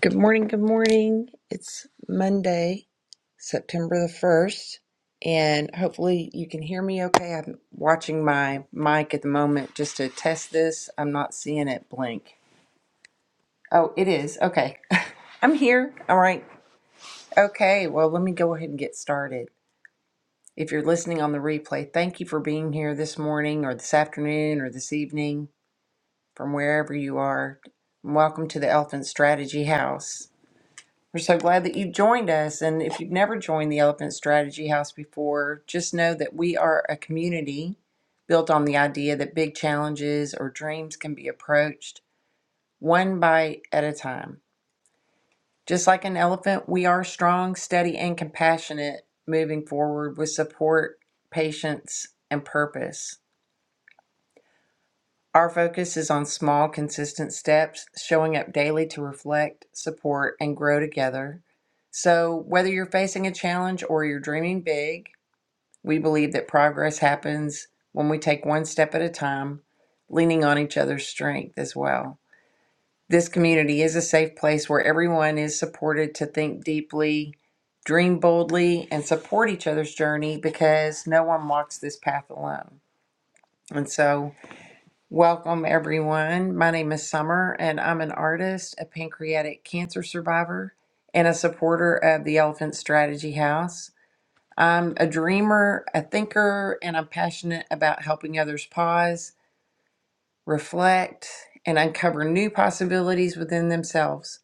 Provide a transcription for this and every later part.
Good morning, good morning. It's Monday, September the 1st, and hopefully you can hear me okay. I'm watching my mic at the moment just to test this. I'm not seeing it blink. Oh, it is. Okay. I'm here. All right. Okay. Well, let me go ahead and get started. If you're listening on the replay, thank you for being here this morning or this afternoon or this evening from wherever you are. Welcome to the Elephant Strategy House. We're so glad that you've joined us. And if you've never joined the Elephant Strategy House before, just know that we are a community built on the idea that big challenges or dreams can be approached one bite at a time. Just like an elephant, we are strong, steady, and compassionate moving forward with support, patience, and purpose. Our focus is on small, consistent steps, showing up daily to reflect, support, and grow together. So, whether you're facing a challenge or you're dreaming big, we believe that progress happens when we take one step at a time, leaning on each other's strength as well. This community is a safe place where everyone is supported to think deeply, dream boldly, and support each other's journey because no one walks this path alone. And so, Welcome, everyone. My name is Summer, and I'm an artist, a pancreatic cancer survivor, and a supporter of the Elephant Strategy House. I'm a dreamer, a thinker, and I'm passionate about helping others pause, reflect, and uncover new possibilities within themselves.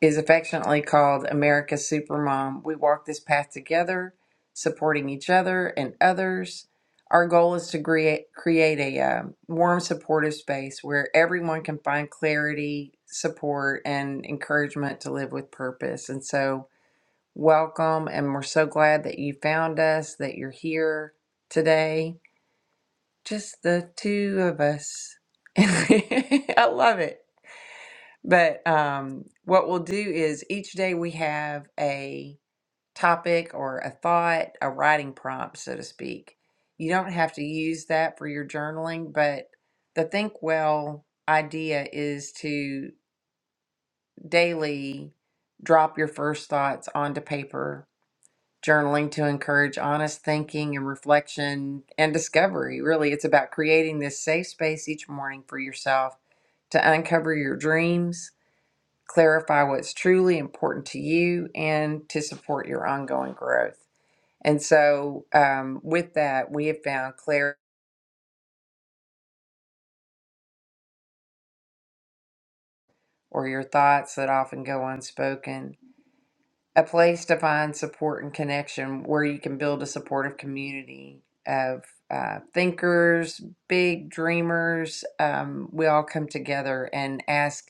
is affectionately called America's Supermom. We walk this path together, supporting each other and others. Our goal is to create, create a um, warm, supportive space where everyone can find clarity, support, and encouragement to live with purpose. And so, welcome. And we're so glad that you found us, that you're here today. Just the two of us. I love it. But um, what we'll do is each day we have a topic or a thought, a writing prompt, so to speak. You don't have to use that for your journaling, but the Think Well idea is to daily drop your first thoughts onto paper. Journaling to encourage honest thinking and reflection and discovery. Really, it's about creating this safe space each morning for yourself to uncover your dreams, clarify what's truly important to you and to support your ongoing growth. And so, um, with that, we have found clarity or your thoughts that often go unspoken, a place to find support and connection where you can build a supportive community of uh, thinkers, big dreamers. Um, we all come together and ask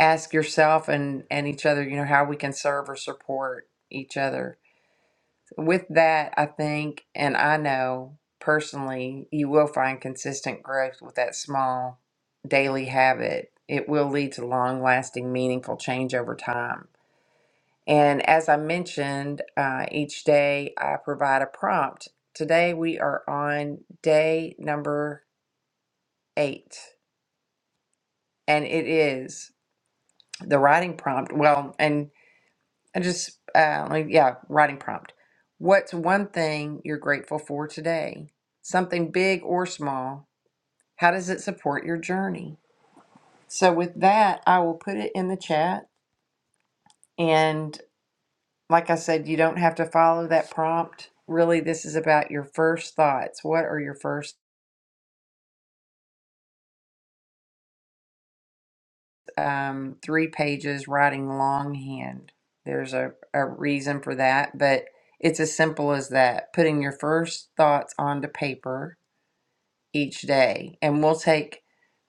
ask yourself and and each other, you know, how we can serve or support each other With that, I think, and I know personally, you will find consistent growth with that small daily habit. It will lead to long lasting, meaningful change over time. And as I mentioned, uh, each day I provide a prompt. Today we are on day number eight, and it is the writing prompt. Well, and And just, uh, like, yeah, writing prompt. What's one thing you're grateful for today? Something big or small. How does it support your journey? So, with that, I will put it in the chat. And like I said, you don't have to follow that prompt. Really, this is about your first thoughts. What are your first um, three pages writing longhand? There's a, a reason for that, but it's as simple as that putting your first thoughts onto paper each day. And we'll take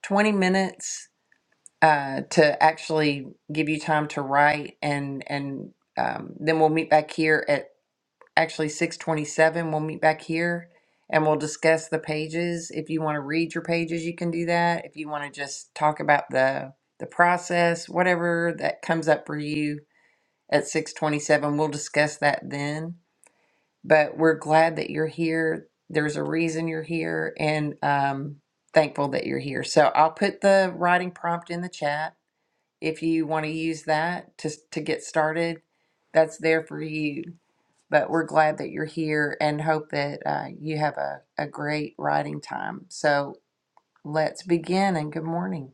20 minutes uh, to actually give you time to write. And, and um, then we'll meet back here at actually 627. We'll meet back here and we'll discuss the pages. If you want to read your pages, you can do that. If you want to just talk about the, the process, whatever that comes up for you at 627, we'll discuss that then but we're glad that you're here. There's a reason you're here, and um, thankful that you're here. So I'll put the writing prompt in the chat if you want to use that to to get started. That's there for you. But we're glad that you're here and hope that uh, you have a, a great writing time. So let's begin and good morning.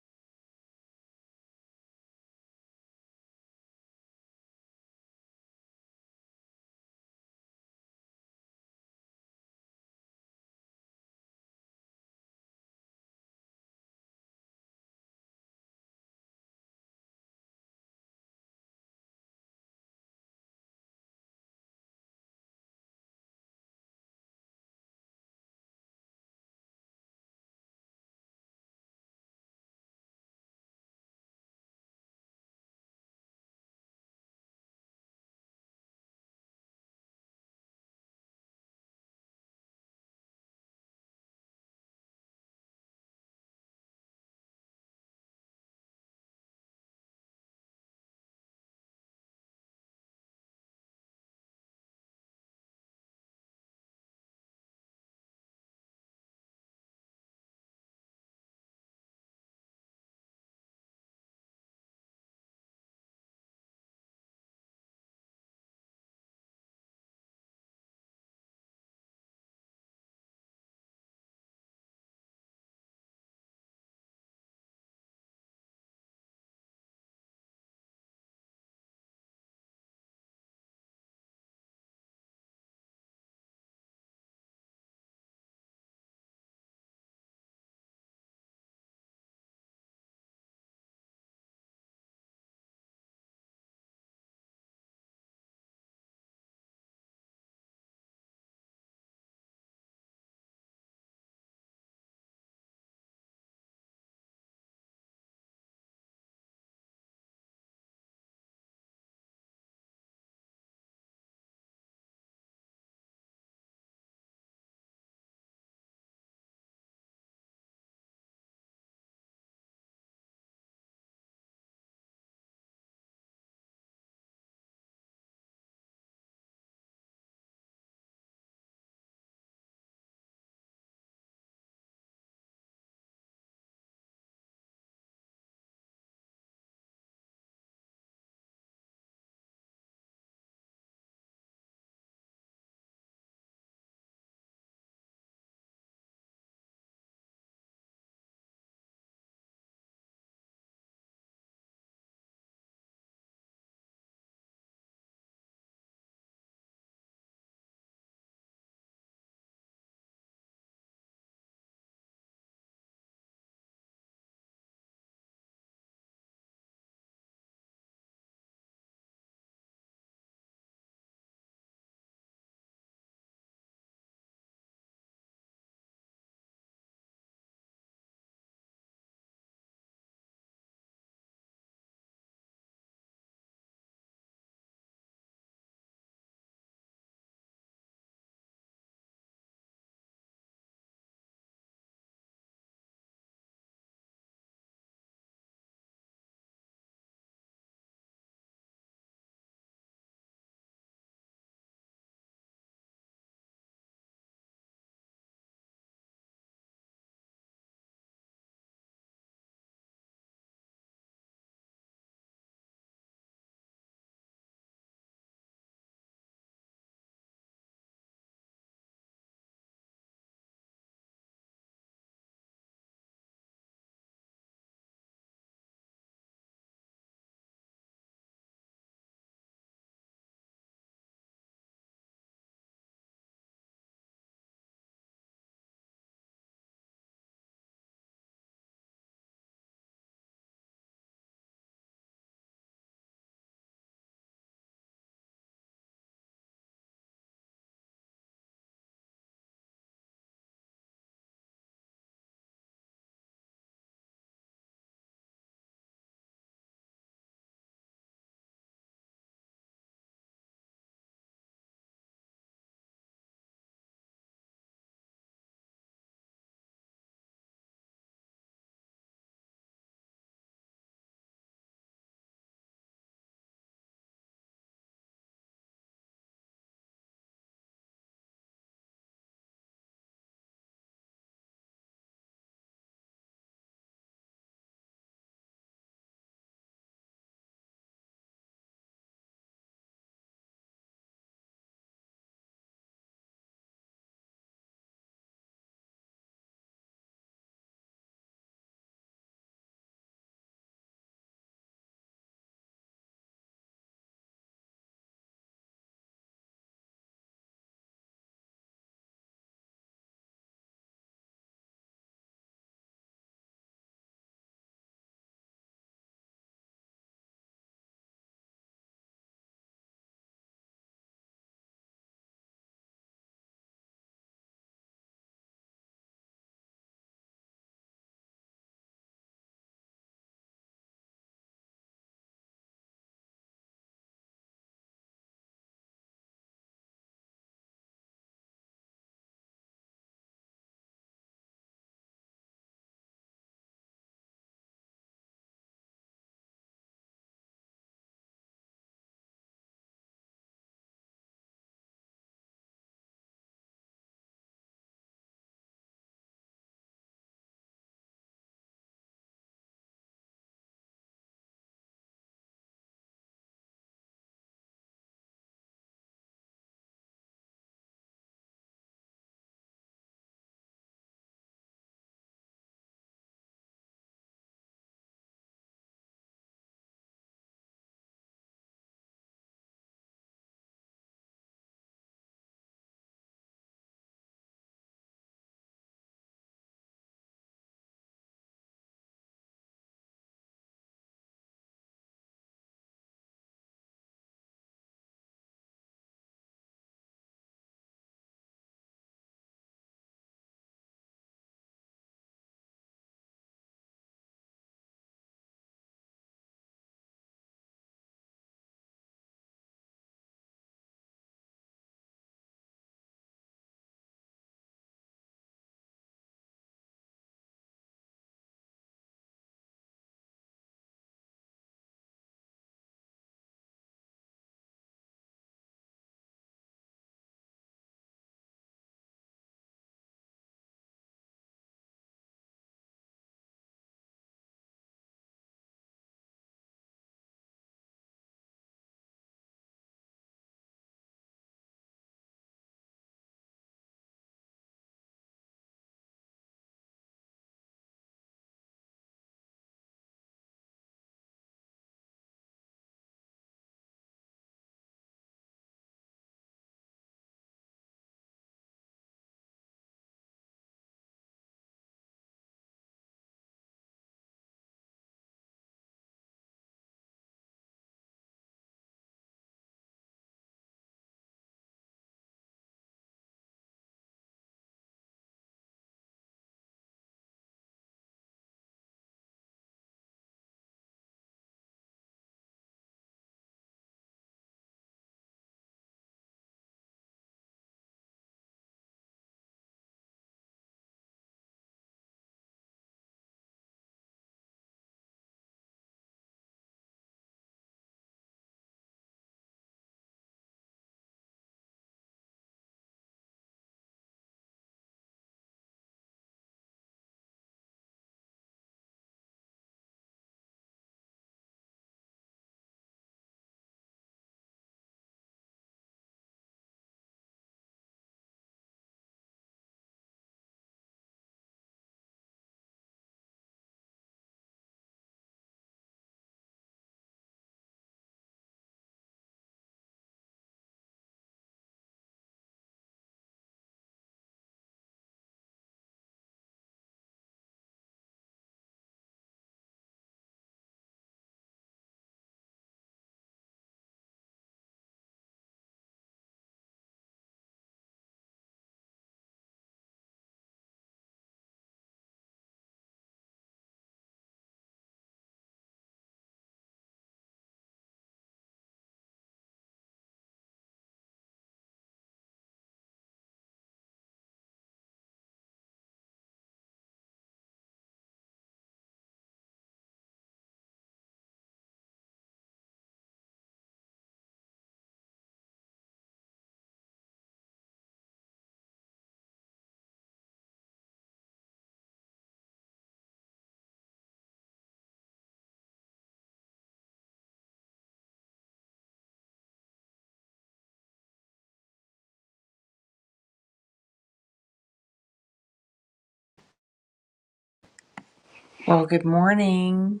Well, good morning,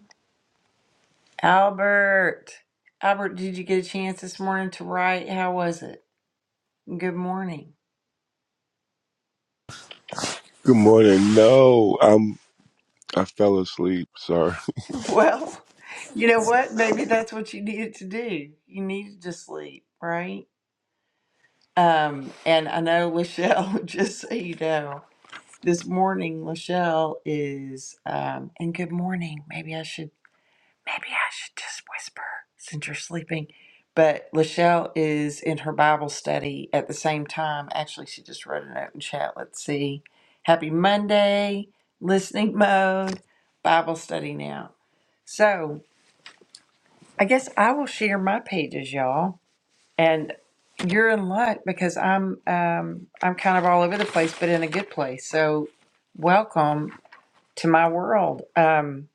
Albert. Albert, did you get a chance this morning to write? How was it? Good morning. Good morning. No, I'm I fell asleep. Sorry. Well, you know what? Maybe that's what you needed to do. You needed to sleep, right? Um, and I know Lachelle, just so you know, this morning Lachelle is um and good morning. Maybe I should maybe I should just whisper since you're sleeping. But Lachelle is in her Bible study at the same time. Actually, she just wrote a note in chat. Let's see. Happy Monday, listening mode, Bible study now. So I guess I will share my pages, y'all, and you're in luck because I'm um, I'm kind of all over the place, but in a good place. So, welcome to my world. Um,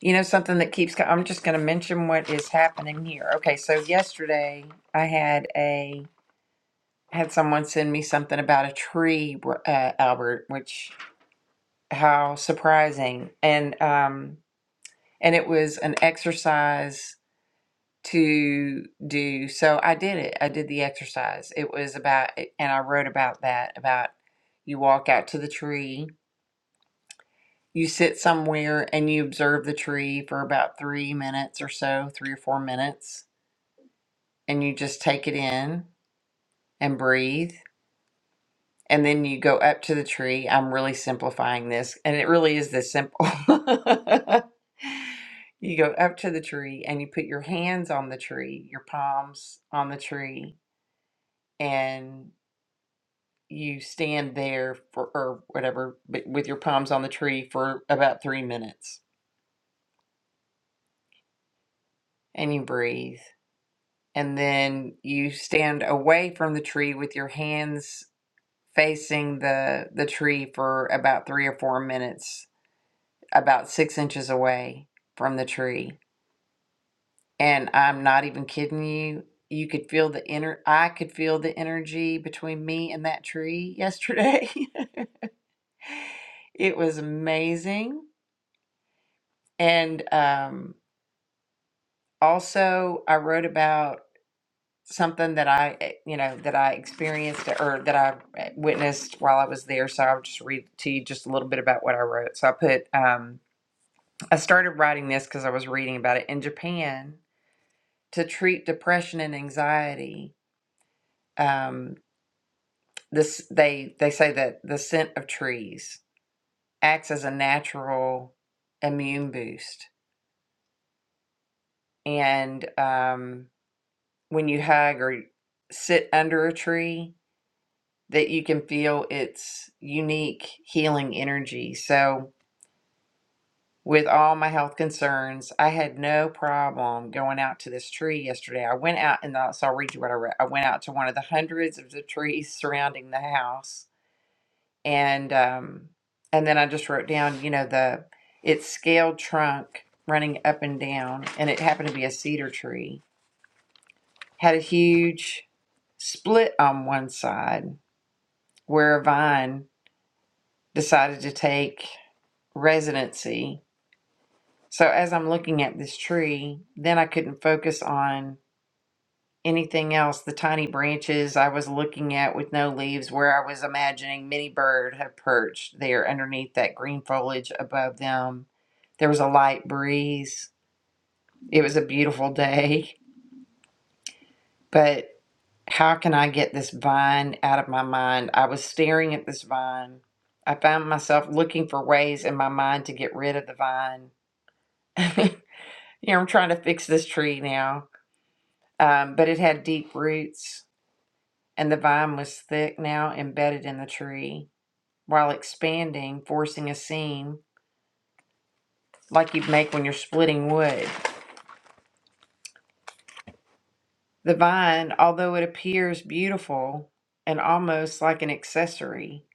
you know something that keeps. co- I'm just going to mention what is happening here. Okay, so yesterday I had a had someone send me something about a tree, uh, Albert, which how surprising and um, and it was an exercise to do. So I did it. I did the exercise. It was about, and I wrote about that about you walk out to the tree, you sit somewhere and you observe the tree for about three minutes or so, three or four minutes, and you just take it in and breathe. And then you go up to the tree. I'm really simplifying this, and it really is this simple. You go up to the tree and you put your hands on the tree, your palms on the tree, and you stand there for or whatever but with your palms on the tree for about three minutes and you breathe and then you stand away from the tree with your hands facing the the tree for about three or four minutes about six inches away from the tree and i'm not even kidding you you could feel the inner i could feel the energy between me and that tree yesterday it was amazing and um also i wrote about something that i eh, you know that i experienced or that i eh, witnessed while i was there so i'll just read to you just a little bit about what i wrote so i put um, i started writing this because i was reading about it in japan to treat depression and anxiety um, this they they say that the scent of trees acts as a natural immune boost and um, when you hug or sit under a tree that you can feel its unique healing energy. So, with all my health concerns, I had no problem going out to this tree yesterday. I went out, and I'll- so I'll read you what I read. I went out to one of the hundreds of the trees surrounding the house, and um, and then I just wrote down, you know, the its scaled trunk running up and down, and it happened to be a cedar tree. Had a huge split on one side where a vine decided to take residency. So as I'm looking at this tree, then I couldn't focus on anything else. The tiny branches I was looking at with no leaves, where I was imagining many Bird had perched there underneath that green foliage above them. There was a light breeze. It was a beautiful day. But how can I get this vine out of my mind? I was staring at this vine. I found myself looking for ways in my mind to get rid of the vine. Here, I'm trying to fix this tree now. Um, but it had deep roots, and the vine was thick now embedded in the tree while expanding, forcing a seam like you'd make when you're splitting wood. The vine, although it appears beautiful and almost like an accessory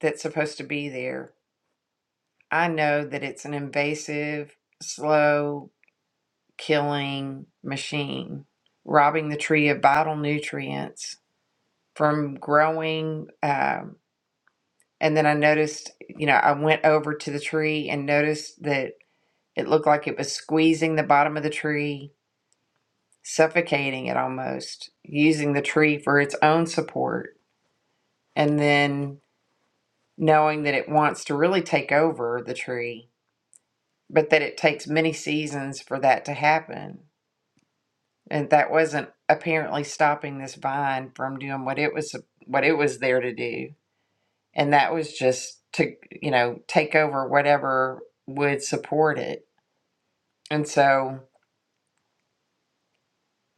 that's supposed to be there, I know that it's an invasive, slow killing machine, robbing the tree of vital nutrients from growing. Uh, And then I noticed, you know, I went over to the tree and noticed that it looked like it was squeezing the bottom of the tree, suffocating it almost, using the tree for its own support. And then knowing that it wants to really take over the tree, but that it takes many seasons for that to happen. And that wasn't apparently stopping this vine from doing what it was what it was there to do. And that was just to, you know, take over whatever would support it And so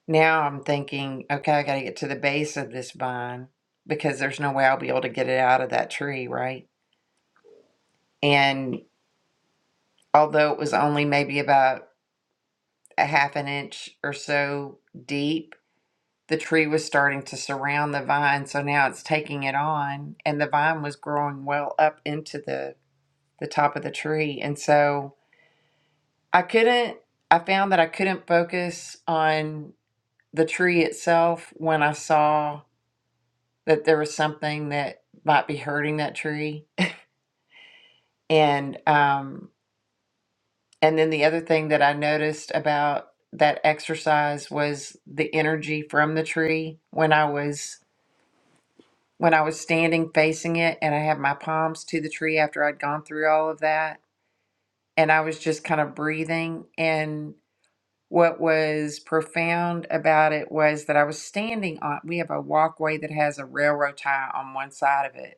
now I'm thinking, okay, I got to get to the base of this vine because there's no way I'll be able to get it out of that tree, right? And although it was only maybe about a half an inch or so deep, the tree was starting to surround the vine. So now it's taking it on, and the vine was growing well up into the, the top of the tree. And so I couldn't, I found that I couldn't focus on the tree itself when I saw that there was something that might be hurting that tree. And um, and then the other thing that I noticed about that exercise was the energy from the tree when I was when I was standing facing it and I had my palms to the tree after I'd gone through all of that and I was just kind of breathing and what was profound about it was that I was standing on we have a walkway that has a railroad tie on one side of it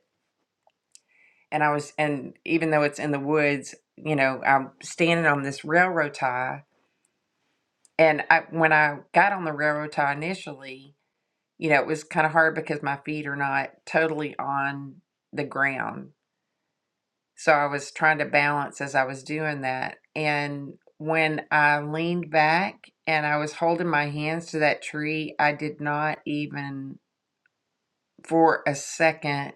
and I was, and even though it's in the woods, you know, I'm standing on this railroad tie. And I, when I got on the railroad tie initially, you know, it was kind of hard because my feet are not totally on the ground. So I was trying to balance as I was doing that. And when I leaned back and I was holding my hands to that tree, I did not even for a second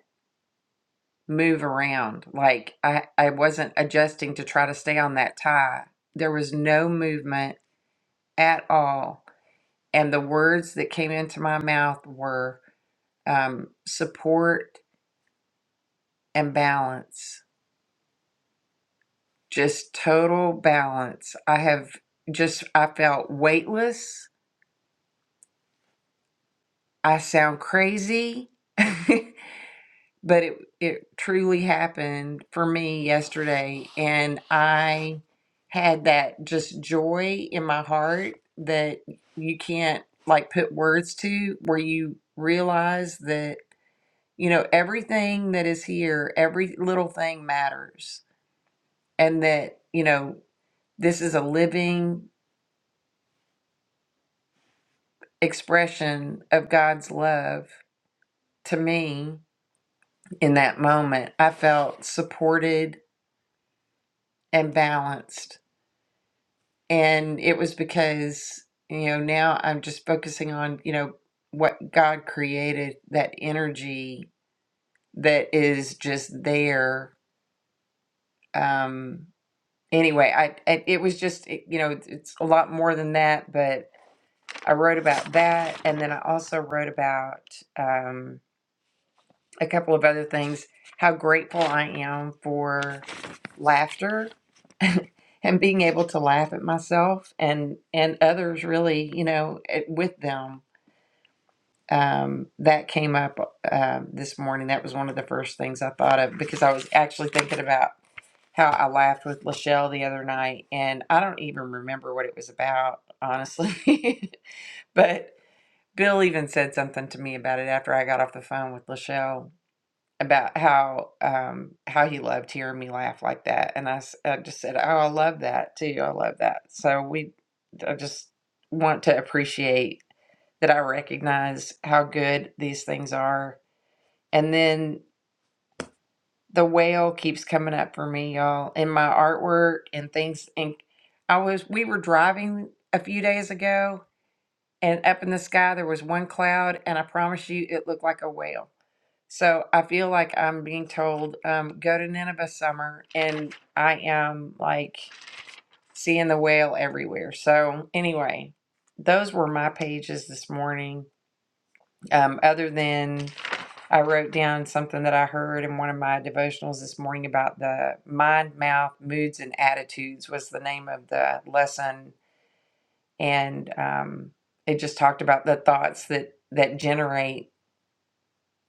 move around. Like I, I wasn't adjusting to try to stay on that tie. There was no movement at all. And the words that came into my mouth were um, support and balance, just total balance. I have just, I felt weightless. I sound crazy. but it it truly happened for me yesterday and I had that just joy in my heart that you can't like put words to where you realize that you know everything that is here every little thing matters and that you know this is a living expression of God's love to me in that moment I felt supported and balanced and it was because you know now i'm just focusing on you know what god created that energy that is just there um anyway i it, it was just it, you know it's a lot more than that but i wrote about that and then i also wrote about um, a couple of other things. How grateful I am for laughter and being able to laugh at myself and and others. Really, you know, it, with them. Um, that came up uh, this morning. That was one of the first things I thought of because I was actually thinking about how I laughed with Lachelle the other night, and I don't even remember what it was about, honestly. but Bill even said something to me about it after I got off the phone with Lachelle about how um how he loved hearing me laugh like that and I, s- I just said oh I love that too I love that so we I just want to appreciate that I recognize how good these things are and then the whale keeps coming up for me y'all in my artwork and things and I was we were driving a few days ago and up in the sky there was one cloud and I promise you it looked like a whale so I feel like I'm being told, um, go to Nineveh summer, and I am like seeing the whale everywhere. So anyway, those were my pages this morning. Um, other than I wrote down something that I heard in one of my devotionals this morning about the mind, mouth, moods, and attitudes was the name of the lesson, and um, it just talked about the thoughts that that generate,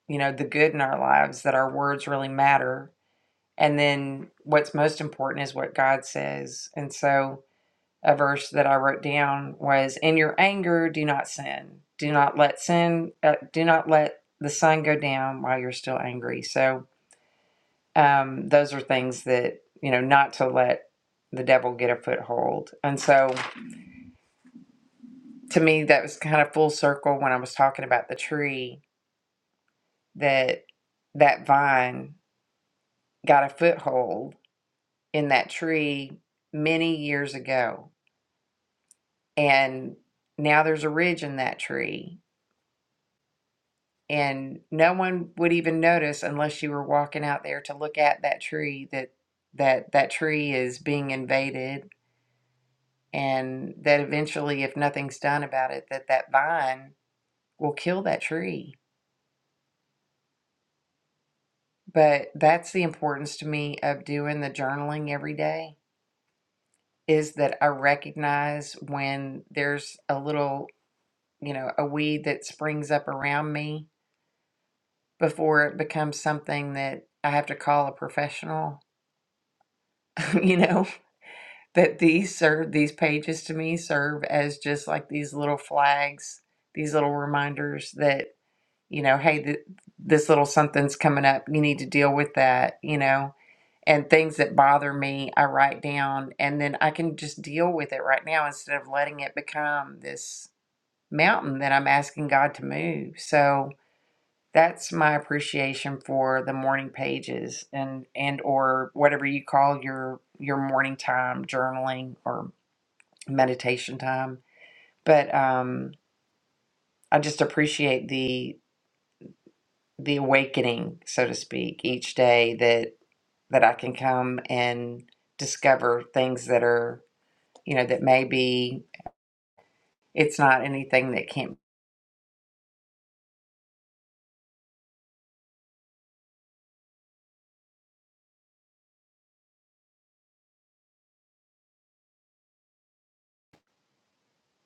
you know, the good in our lives that our words really matter And then what's most important is what God says. And so a verse that I wrote down was in your anger do not sin. Do not let sin uh, do not let the sun go down while you're still angry. So um those are things that, you know, not to let the devil get a foothold. And so to me that was kind of full circle when I was talking about the tree that that vine got a foothold in that tree many years ago and now there's a ridge in that tree and no one would even notice unless you were walking out there to look at that tree that that that tree is being invaded and that eventually if nothing's done about it that that vine will kill that tree but that's the importance to me of doing the journaling every day is that i recognize when there's a little you know a weed that springs up around me before it becomes something that I have to call a professional, you know, that these serve, these pages to me serve as just like these little flags, these little reminders that, you know, hey, th- this little something's coming up. You need to deal with that, you know, and things that bother me, I write down and then I can just deal with it right now instead of letting it become this mountain that I'm asking God to move. So, that's my appreciation for the morning pages and and or whatever you call your your morning time journaling or meditation time but um i just appreciate the the awakening so to speak each day that that i can come and discover things that are you know that maybe it's not anything that can't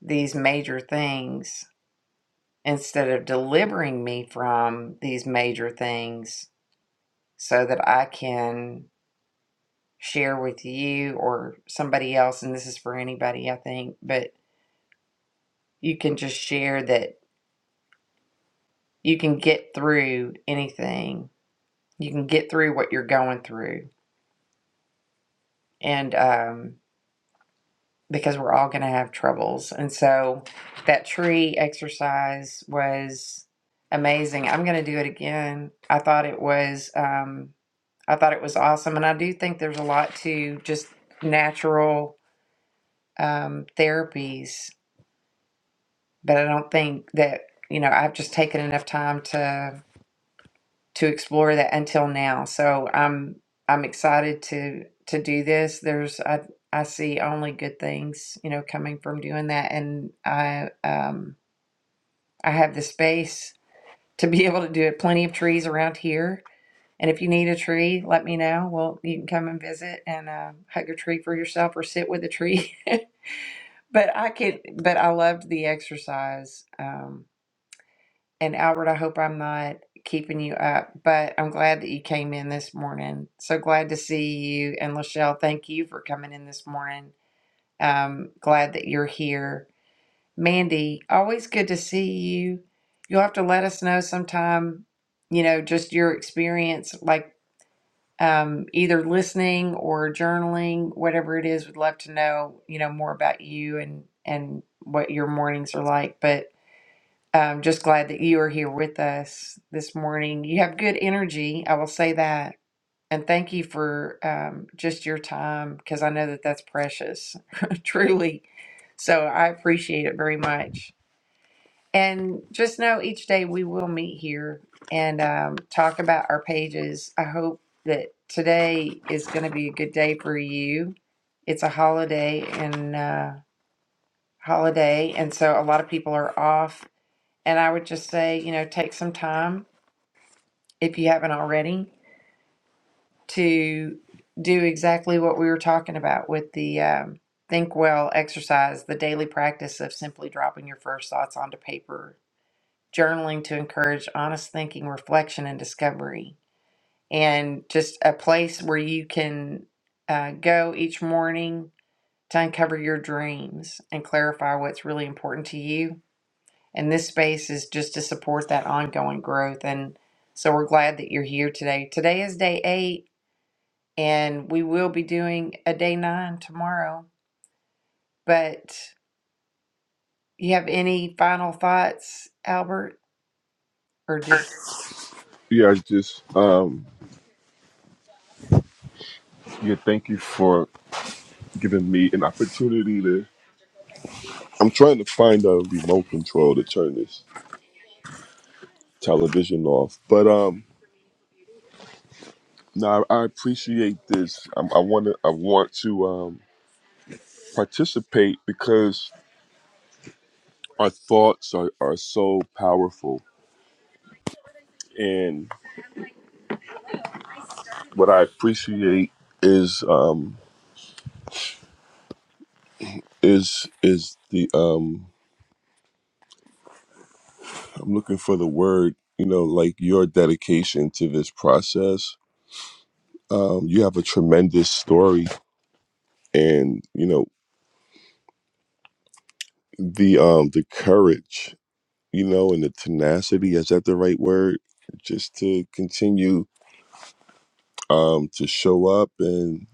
these major things instead of delivering me from these major things so that I can share with you or somebody else, and this is for anybody, I think, but you can just share that you can get through anything. You can get through what you're going through. And um, because we're all going to have troubles. And so that tree exercise was amazing. I'm going to do it again. I thought it was. Um, I thought it was awesome, and I do think there's a lot to just natural um, therapies but I don't think that you know I've just taken enough time to to explore that until now. So I'm I'm excited to to do this. There's I I see only good things you know coming from doing that, and I um I have the space to be able to do it. Plenty of trees around here. And if you need a tree, let me know. Well, you can come and visit and uh, hug a tree for yourself or sit with a tree. but I can. But I loved the exercise. Um, And Albert, I hope I'm not keeping you up, but I'm glad that you came in this morning. So glad to see you. And Lachelle, thank you for coming in this morning. Um, glad that you're here. Mandy, always good to see you. You'll have to let us know sometime, you know, just your experience, like um, either listening or journaling, whatever it is. We'd love to know, you know, more about you and and what your mornings are like. But I'm just glad that you are here with us this morning. You have good energy, I will say that. And thank you for um, just your time because I know that that's precious, truly. So I appreciate it very much. And just know each day we will meet here and um, talk about our pages. I hope that today is going to be a good day for you. It's a holiday and uh, holiday, and so a lot of people are off and I would just say, you know, take some time, if you haven't already, to do exactly what we were talking about with the um, Think Well exercise, the daily practice of simply dropping your first thoughts onto paper, journaling to encourage honest thinking, reflection, and discovery, and just a place where you can uh, go each morning to uncover your dreams and clarify what's really important to you And this space is just to support that ongoing growth. And so we're glad that you're here today. Today is day eight, and we will be doing a day nine tomorrow. But you have any final thoughts, Albert? Or did Yeah, I just um yeah, thank you for giving me an opportunity to I'm trying to find a remote control to turn this television off. But um no, I I appreciate this. i I want to. I want to um, participate because our thoughts are, are so powerful. And what I appreciate is um, is is the um, I'm looking for the word, you know, like your dedication to this process. Um, you have a tremendous story and, you know, the um the courage, you know, and the tenacity, is that the right word? Just to continue um to show up and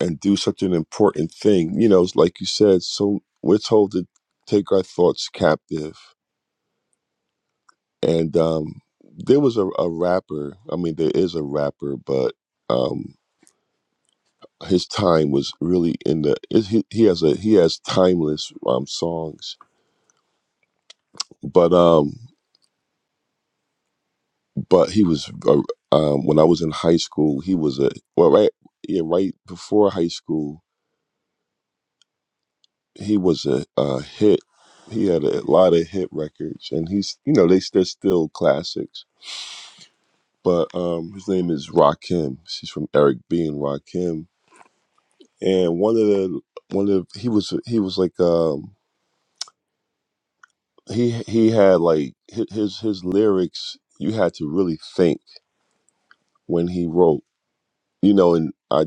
and do such an important thing. You know, it's like you said, so we're told to take our thoughts captive. And um there was a, a rapper, I mean there is a rapper, but um, his time was really in the it, he, he has a he has timeless um songs but um but he was uh, um when i was in high school he was a well right yeah right before high school he was a, uh hit he had a lot of hit records and he's you know they, they're still classics but um his name is rakim she's from eric b and rakim and one of the one of he was he was like um he he had like hi- his his lyrics you had to really think when he wrote you know and i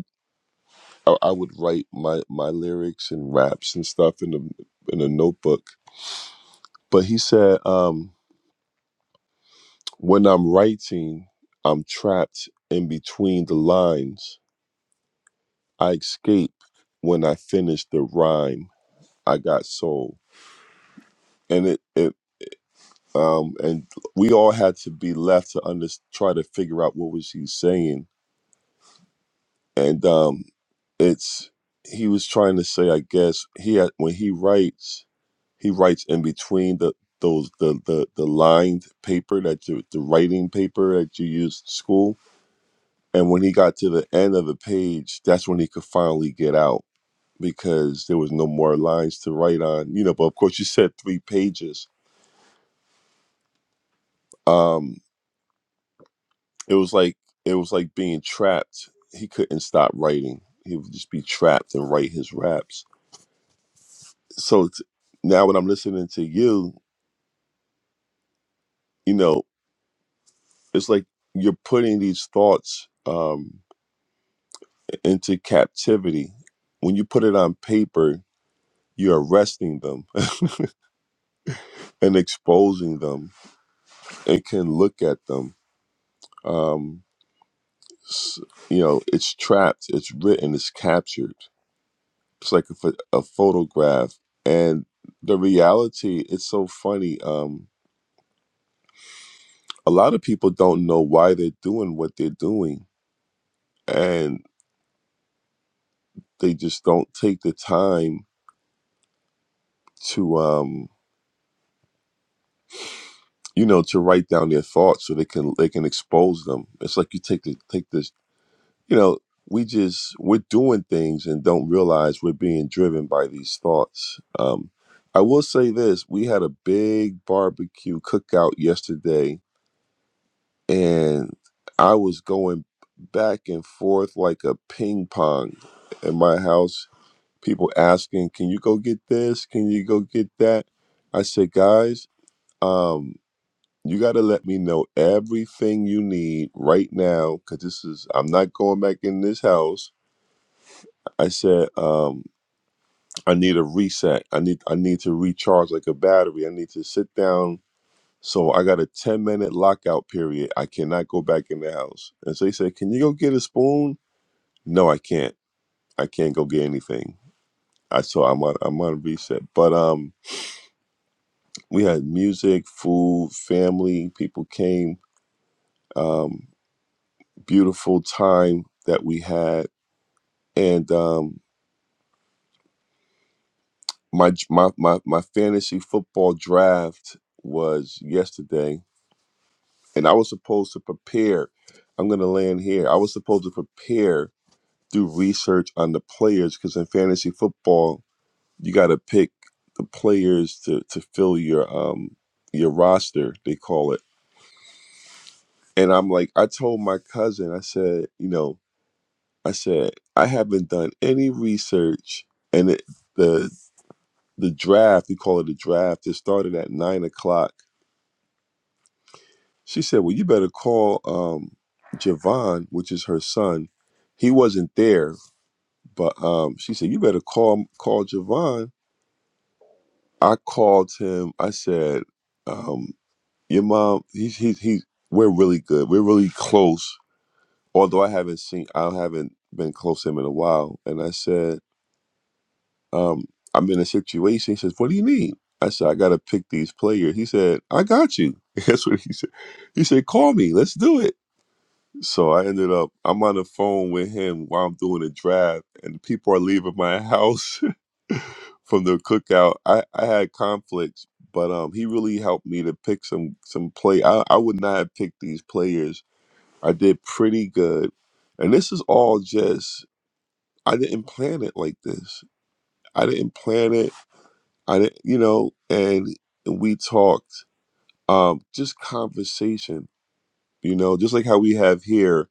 i I would write my my lyrics and raps and stuff in a in a notebook but he said um when i'm writing i'm trapped in between the lines i escape when i finish the rhyme i got soul and it it um and we all had to be left to under, try to figure out what was he saying and um it's he was trying to say i guess he had when he writes he writes in between the those the the, the lined paper that you the writing paper that you used at school and when he got to the end of the page that's when he could finally get out because there was no more lines to write on you know but of course you said three pages um it was like it was like being trapped he couldn't stop writing he would just be trapped and write his raps so t- now when i'm listening to you you know, it's like you're putting these thoughts um, into captivity. When you put it on paper, you're arresting them and exposing them and can look at them. Um, s- you know, it's trapped, it's written, it's captured. It's like a, pho- a photograph. And the reality, it's so funny. Um, a lot of people don't know why they're doing what they're doing, and they just don't take the time to. Um, you know, to write down their thoughts so they can they can expose them. It's like you take the take this, you know, we just we're doing things and don't realize we're being driven by these thoughts. Um, I will say this: we had a big barbecue cookout yesterday, and I was going back and forth like a ping pong in my house. People asking, "Can you go get this? Can you go get that?" I said, "Guys." Um, you got to let me know everything you need right now because this is, I'm not going back in this house. I said, um, I need a reset. I need, I need to recharge like a battery. I need to sit down. So I got a 10 minute lockout period. I cannot go back in the house. And so he said, Can you go get a spoon? No, I can't. I can't go get anything. I so I'm on I'm on reset. But um we had music, food, family, people came. Um beautiful time that we had and um, my, my my my fantasy football draft was yesterday, and I was supposed to prepare. I'm gonna land here. I was supposed to prepare, do research on the players because in fantasy football, you got to pick the players to to fill your um your roster. They call it. And I'm like, I told my cousin, I said, you know, I said I haven't done any research, and it, the the draft, we call it a draft, it started at nine o'clock. She said, Well, you better call um Javon, which is her son. He wasn't there, but um she said, You better call call Javon. I called him, I said, um, your mom, he's he's he's we're really good. We're really close. Although I haven't seen I haven't been close to him in a while. And I said um, I'm in a situation. He says, What do you need? I said, I got to pick these players. He said, I got you. That's what he said. He said, Call me. Let's do it. So I ended up, I'm on the phone with him while I'm doing a draft, and people are leaving my house from the cookout. I, I had conflicts, but um, he really helped me to pick some some play. I, I would not have picked these players. I did pretty good. And this is all just, I didn't plan it like this. I didn't plan it. I didn't, you know, and we talked, um, just conversation, you know, just like how we have here,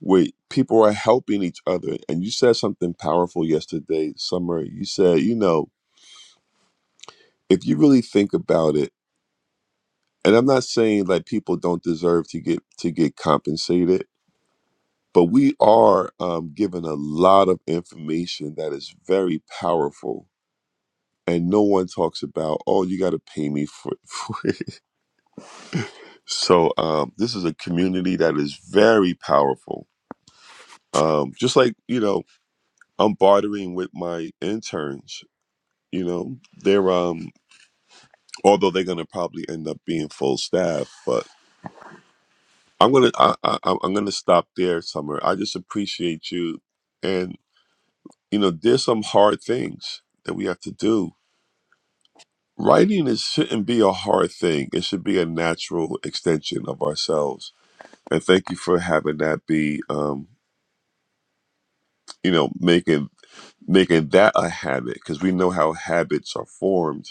where people are helping each other. And you said something powerful yesterday, Summer. You said, you know, if you really think about it, and I'm not saying like people don't deserve to get to get compensated, but we are um, given a lot of information that is very powerful. And no one talks about, oh, you got to pay me for. So um, this is a community that is very powerful. Um, just like you know, I'm bartering with my interns. You know, they're um, although they're gonna probably end up being full staff, but I'm gonna I, I, I'm I'm gonna stop there, Summer. I just appreciate you, and you know, there's some hard things that we have to do. Writing is shouldn't be a hard thing. It should be a natural extension of ourselves. And thank you for having that be um, you know, making making that a habit because we know how habits are formed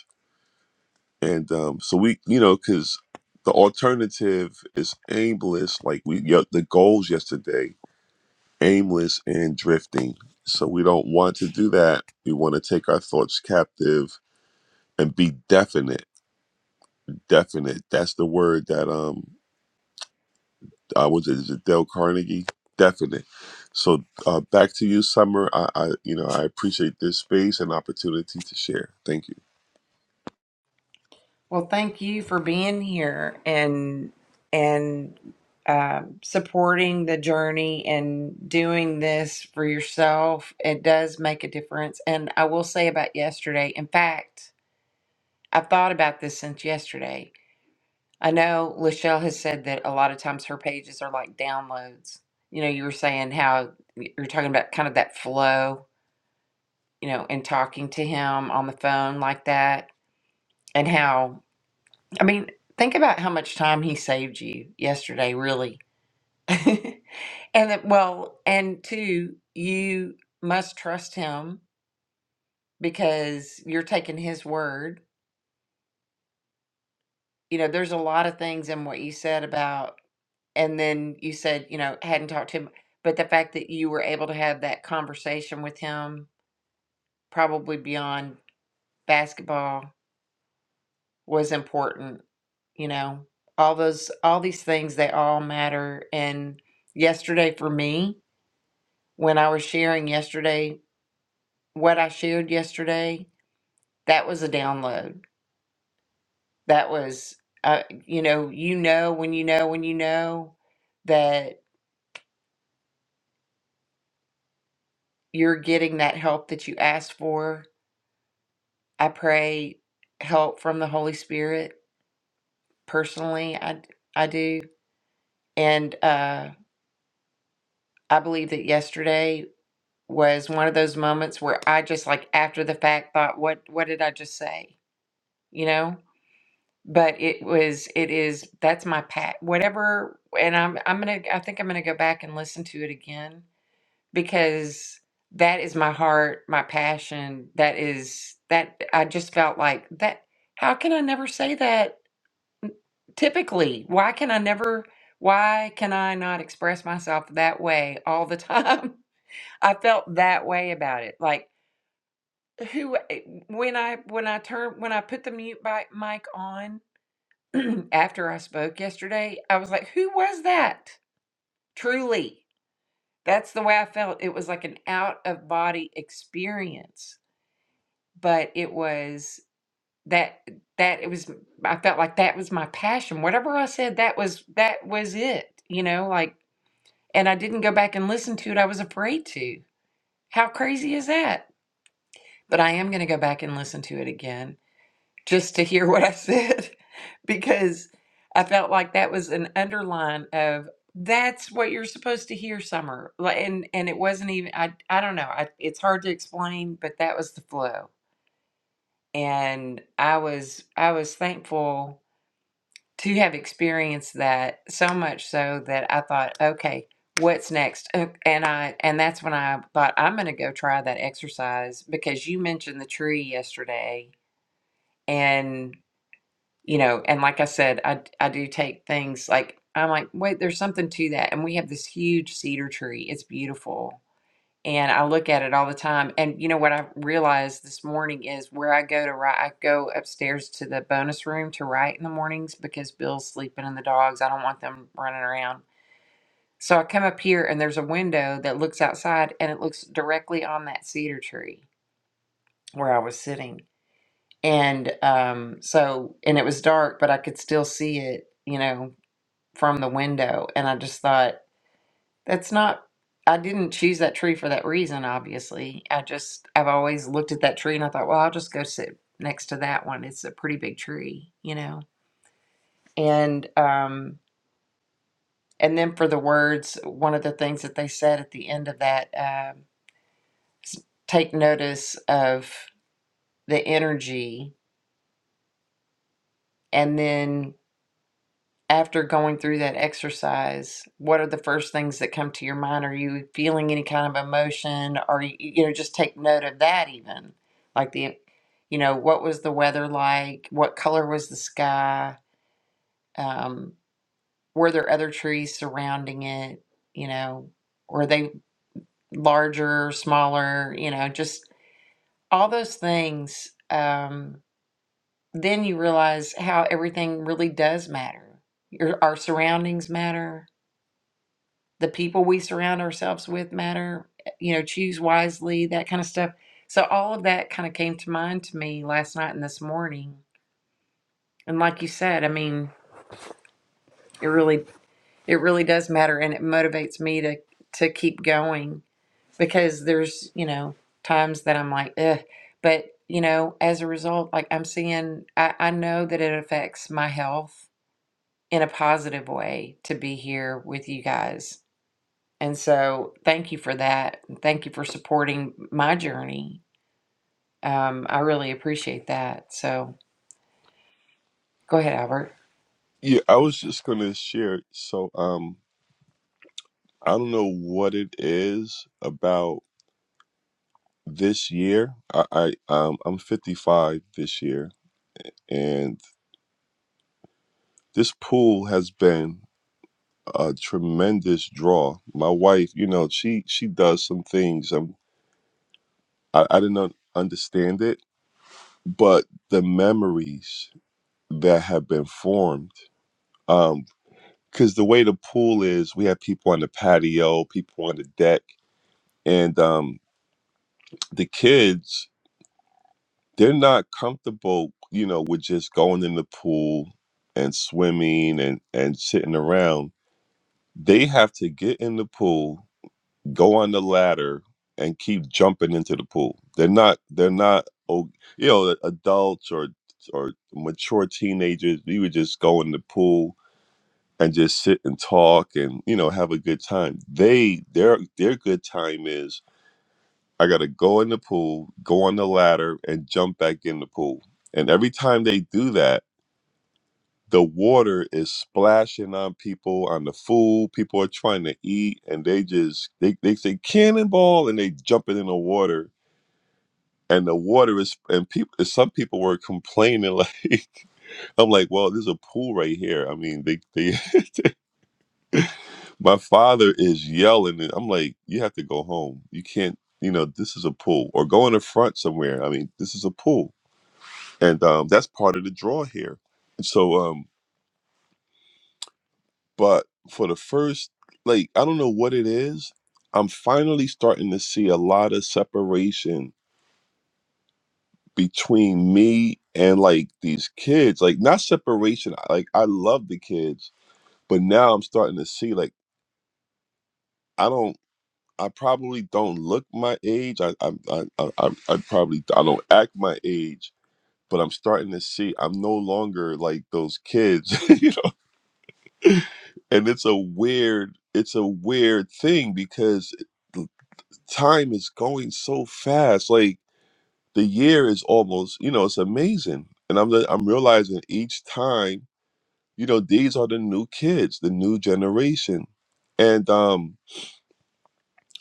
and um so we you know because the alternative is aimless like we yeah, the goals yesterday aimless and drifting so we don't want to do that we want to take our thoughts captive and be definite definite that's the word that um i was it, is it dale carnegie definite so uh back to you summer i i you know i appreciate this space and opportunity to share thank you well, thank you for being here and and um, supporting the journey and doing this for yourself. It does make a difference. And I will say about yesterday. In fact, I've thought about this since yesterday I know Lachelle has said that a lot of times her pages are like downloads. You know, you were saying how you're talking about kind of that flow, you know, and talking to him on the phone like that, and how, I mean, think about how much time he saved you yesterday, really. and that, well, and two, you must trust him because you're taking his word. You know, there's a lot of things in what you said about and then you said you know hadn't talked to him but the fact that you were able to have that conversation with him probably beyond basketball was important you know all those all these things they all matter and yesterday for me when i was sharing yesterday what i shared yesterday that was a download that was uh, you know you know when you know when you know that you're getting that help that you asked for I pray help from the Holy Spirit personally. I I do, and uh, I believe that yesterday was one of those moments where I just like after the fact thought, what what did I just say? You know. But it was, it is, that's my pat, whatever. And I'm, I'm gonna, I think I'm gonna go back and listen to it again because that is my heart, my passion. That is, that I just felt like that. How can I never say that typically why can i never why can i not express myself that way all the time i felt that way about it like who eh, when i when i turn when i put the mute bi- mic on after i spoke yesterday i was like who was that truly that's the way i felt it was like an out of body experience but it was that that it was i felt like that was my passion whatever i said that was that was it you know like And I didn't go back and listen to it. I was afraid to. How crazy is that? But I am going to go back and listen to it again just to hear what I said because I felt like that was an underline of that's what you're supposed to hear summer. Like, And and it wasn't even I I don't know. I, it's hard to explain, but that was the flow. And I was I was thankful to have experienced that so much so that I thought, okay, what's next? Uh, And I and that's when I thought I'm going to go try that exercise because you mentioned the tree yesterday and you know, and like I said, I I do take things like I'm like, wait, there's something to that. And we have this huge cedar tree. It's beautiful and I look at it all the time. And you know what I realized this morning is where I go to write. I go upstairs to the bonus room to write in the mornings because Bill's sleeping and the dogs. I don't want them running around. So I come up here and there's a window that looks outside and it looks directly on that cedar tree where I was sitting. And um, so and it was dark, but I could still see it, you know, from the window. And I just thought That's not, I didn't choose that tree for that reason, obviously. I just, I've always looked at that tree and I thought, well, I'll just go sit next to that one. It's a pretty big tree, you know? And, um, and then for the words, one of the things that they said at the end of that, um, s- take notice of the energy and then after going through that exercise, what are the first things that come to your mind? Are you feeling any kind of emotion? Or, you you know, just take note of that even. Like the, you know, what was the weather like? What color was the sky? Um, were there other trees surrounding it? You know, were they larger, smaller? You know, just all those things. Um, then you realize how everything really does matter. Your, our surroundings matter the people we surround ourselves with matter you know choose wisely that kind of stuff so all of that kind of came to mind to me last night and this morning and like you said i mean it really it really does matter and it motivates me to to keep going because there's you know times that i'm like Ugh. but you know as a result like i'm seeing I, I know that it affects my health in a positive way to be here with you guys And so, thank you for that. Thank you for supporting my journey. Um, I really appreciate that. So, go ahead, Albert. Yeah, I was just gonna share. So, um, I don't know what it is about this year. I, I um, I'm 55 this year, and this pool has been a tremendous draw. My wife, you know, she she does some things. Um, I, I didn't un- understand it, but the memories that have been formed, um, because the way the pool is, we have people on the patio, people on the deck, and um, the kids they're not comfortable, you know, with just going in the pool and swimming and and sitting around. They have to get in the pool, go on the ladder, and keep jumping into the pool. They're not. They're not. oh, You know, adults or or mature teenagers. We would just go in the pool and just sit and talk and you know have a good time. They their their good time is I gotta go in the pool, go on the ladder, and jump back in the pool. And every time they do that, the water is splashing on people, on the food. People are trying to eat, and they just they they say cannonball, and they jumping in the water. And the water is and people. Some people were complaining like, I'm like, well, there's a pool right here. I mean, they they. My father is yelling, and I'm like, you have to go home. You can't. You know, this is a pool, or go in the front somewhere. I mean, this is a pool and um, that's part of the draw here. And so, um, but for the first, like, I don't know what it is. I'm finally starting to see a lot of separation between me and like these kids. Like, not separation. Like, I love the kids, but now I'm starting to see like I don't. I probably don't look my age. I I I I, I I probably I don't act my age. But I'm starting to see I'm no longer like those kids. and it's a weird it's a weird thing because the time is going so fast like the year is almost you know it's amazing and i'm the- i'm realizing each time you know these are the new kids the new generation and um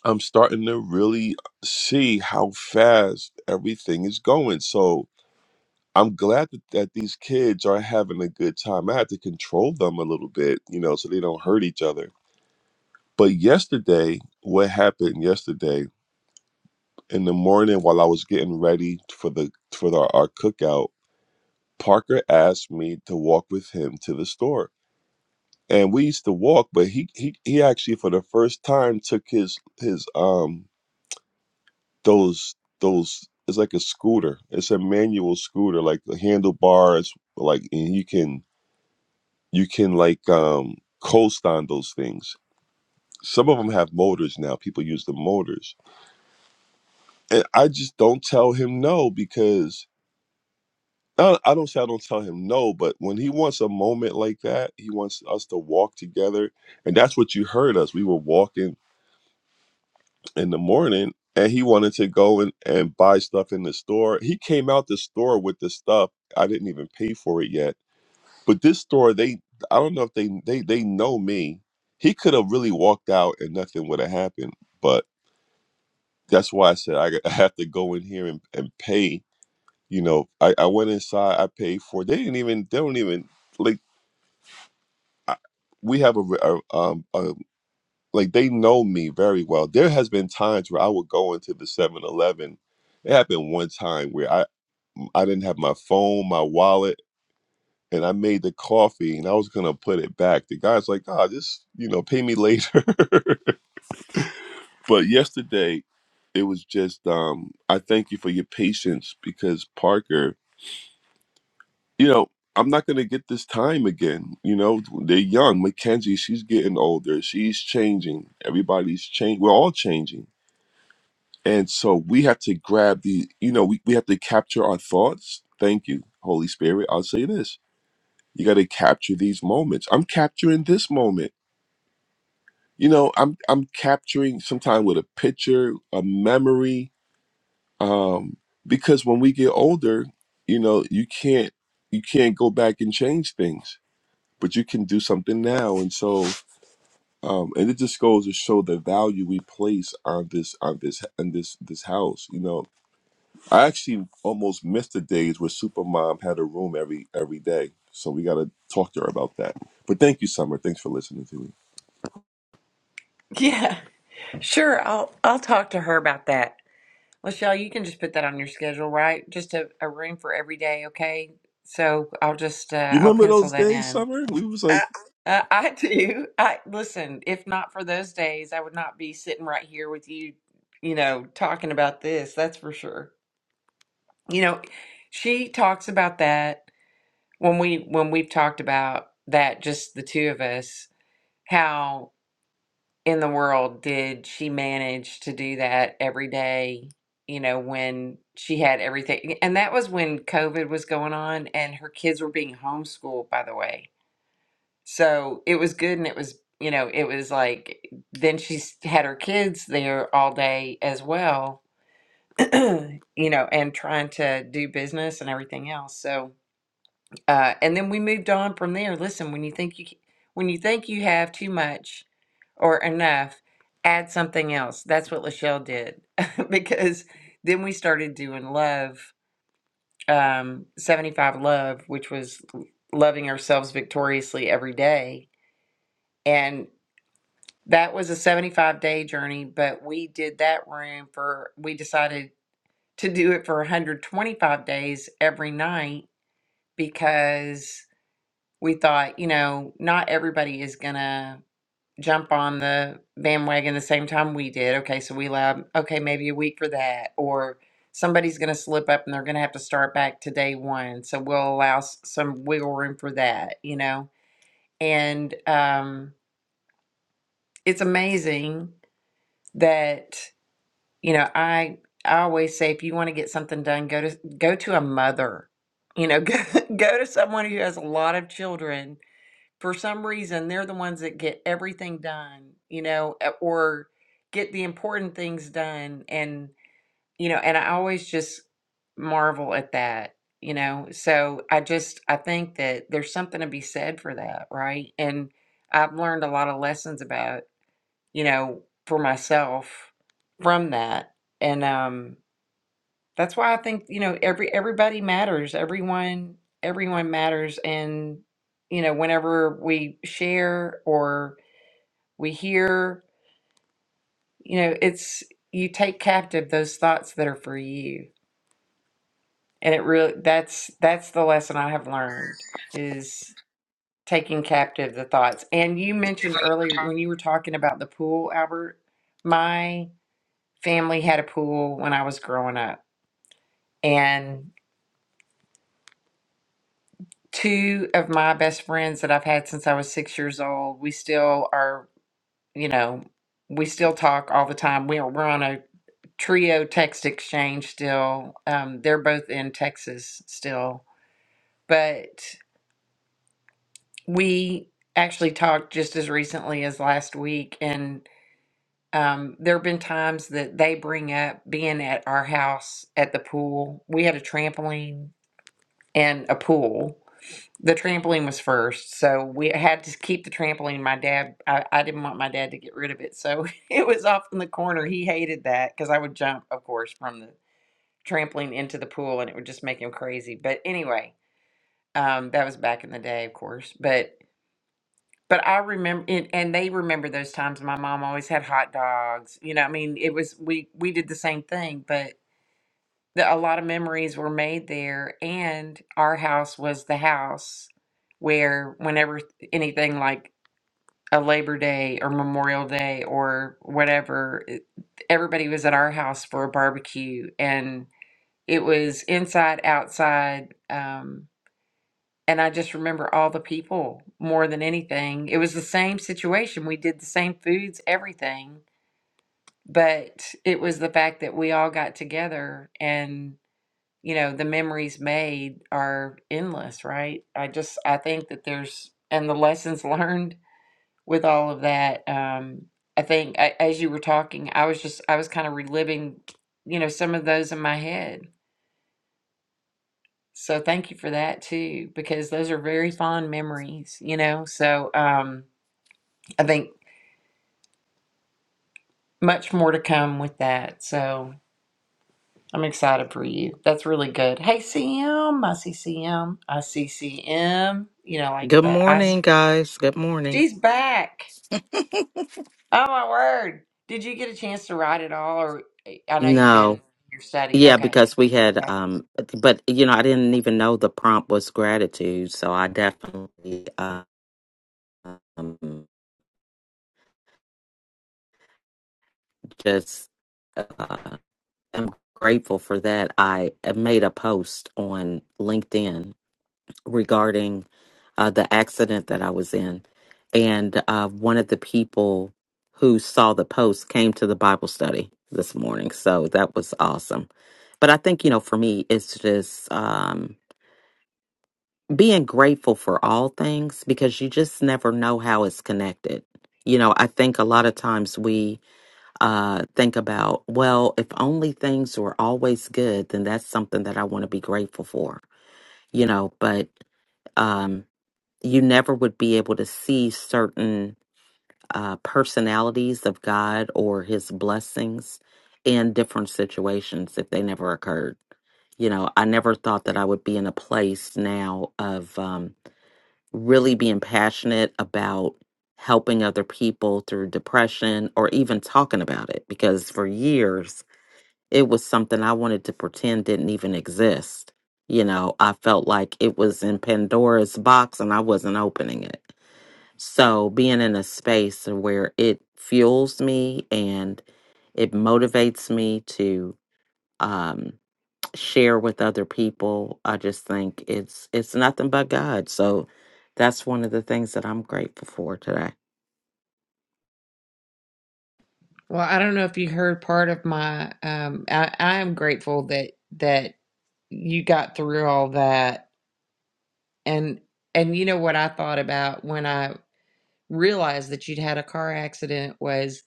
i'm starting to really see how fast everything is going so i'm glad that, that these kids are having a good time i have to control them a little bit you know so they don't hurt each other But yesterday, what happened yesterday in the morning while I was getting ready for the for the, our cookout, Parker asked me to walk with him to the store. And we used to walk, but he he he actually for the first time took his his um those those it's like a scooter. It's a manual scooter, like the handlebars, like and you can you can like um coast on those things. Some of them have motors now. People use the motors and I just don't tell him no because I I don't say I don't tell him no, but when he wants a moment like that, he wants us to walk together, and that's what you heard us. We were walking in the morning, and he wanted to go and and buy stuff in the store. He came out the store with the stuff. I didn't even pay for it yet, but this store they I don't know if they they they know me. He could have really walked out and nothing would have happened, but that's why I said I, I have to go in here and, and pay you know i, I went inside i paid for it. they didn't even they don't even like I, we have a, re- a um a, like they know me very well there has been times where i would go into the Seven Eleven. it happened one time where i i didn't have my phone my wallet and i made the coffee and i was gonna put it back the guy's like ah just you know pay me later but yesterday it was just um i thank you for your patience because parker you know, I'm not gonna get this time again. You know, they're young. Mackenzie, she's getting older. She's changing. Everybody's changing. We're all changing. And so we have to grab the, you know, we, we have to capture our thoughts. Thank you, Holy Spirit. I'll say this. You gotta capture these moments. I'm capturing this moment. You know, I'm I'm capturing sometime with a picture, a memory. Um, because when we get older, you know, you can't you can't go back and change things but you can do something now and so um and it just goes to show the value we place on this on this on this this house you know i actually almost missed the days where supermom had a room every every day so we got to talk to her about that but thank you summer thanks for listening to me Yeah, sure. I'll I'll talk to her about that. Lachelle, you can just put that on your schedule, right? Just a, a room for every day, okay? So I'll just you uh, I'll remember pencil those that days in. summer we was I, like I- Uh, I do. I listen. If not for those days, I would not be sitting right here with you, you know, talking about this. That's for sure. You know, she talks about that when we when we've talked about that just the two of us how in the world did she manage to do that every day you know when she had everything and that was when covid was going on and her kids were being homeschooled by the way so it was good and it was you know it was like then she s- had her kids there all day as well you know and trying to do business and everything else so Uh, and then we moved on from there. Listen, when you think you when you think you have too much or enough, add something else. That's what Lachelle did because then we started doing love, um, seventy five love, which was loving ourselves victoriously every day, and that was a seventy five day journey. But we did that room for we decided to do it for one hundred twenty five days every night because we thought, you know, not everybody is going to jump on the bandwagon the same time we did. Okay, so we allowed, okay, maybe a week for that. Or somebody's going to slip up and they're going to have to start back to day one. So we'll allow s- some wiggle room for that, you know? And um, it's amazing that, you know, I. I always say if you want to get something done, go to go to a mother. You know, go, go to someone who has a lot of children for some reason they're the ones that get everything done you know e- or get the important things done and you know and i always just marvel at that you know so i just i think that there's something to be said for that right and i've learned a lot of lessons about you know for myself from that and um that's why I think, you know, every everybody matters. Everyone everyone matters and you know, whenever we share or we hear, you know, it's you take captive those thoughts that are for you. And it really that's that's the lesson I have learned is taking captive the thoughts. And you mentioned earlier when you were talking about the pool, Albert, my family had a pool when I was growing up. and. two of my best friends that I've had since I was six years old. We still are, you know, we still talk all the time. We are, we're on a trio text exchange still. Um, they're both in Texas still, but we actually talked just as recently as last week and um, there have been times that they bring up being at our house at the pool. We had a trampoline and a pool The trampoline was first, so we had to keep the trampoline. My dad, I, I didn't want my dad to get rid of it, so it was off in the corner. He hated that because I would jump, of course, from the trampoline into the pool, and it would just make him crazy. But anyway, um, that was back in the day, of course. But but I remember, and, and they remember those times. My mom always had hot dogs. You know, I mean, it was we we did the same thing, but the, a lot of memories were made there and our house was the house where whenever anything like a labor day or memorial day or whatever it- everybody was at our house for a barbecue and it was inside outside um, and i just remember all the people more than anything it was the same situation we did the same foods everything but it was the fact that we all got together and you know the memories made are endless right i just i think that there's and the lessons learned with all of that um i think a- as you were talking i was just i was kind of reliving you know some of those in my head so thank you for that too because those are very fond memories you know so um i think much more to come with that so i'm excited for you that's really good hey cm i see cm i see cm you know like Good the i morning, guys. Good morning. She's back. Oh my word. Did you get a chance to write it all or I know you've been No. your study. Yeah, Okay. because we had Okay. um but you know, I didn't even know the prompt was gratitude, so I definitely um just uh, am grateful for that. I made a post on LinkedIn regarding uh, the accident that I was in. And uh, one of the people who saw the post came to the Bible study this morning. So that was awesome. But I think, you know, for me, it's just um, being grateful for all things because you just never know how it's connected. You know, I think a lot of times we uh, think about, well, if only things were always good, then that's something that I want to be grateful for, you know, but. Um, you never would be able to see certain uh, personalities of God or his blessings in different situations if they never occurred. You know, I never thought that I would be in a place now of um, really being passionate about helping other people through depression or even talking about it because for years it was something I wanted to pretend didn't even exist. You know, I felt like it was in Pandora's box and I wasn't opening it so being in a space where it fuels me and it motivates me to um, share with other people, I just think it's it's nothing but God. So that's one of the things that I'm grateful for today. Well, I don't know if you heard part of my um I, I am grateful that that you got through all that and and you know what I thought about when I realized that you'd had a car accident was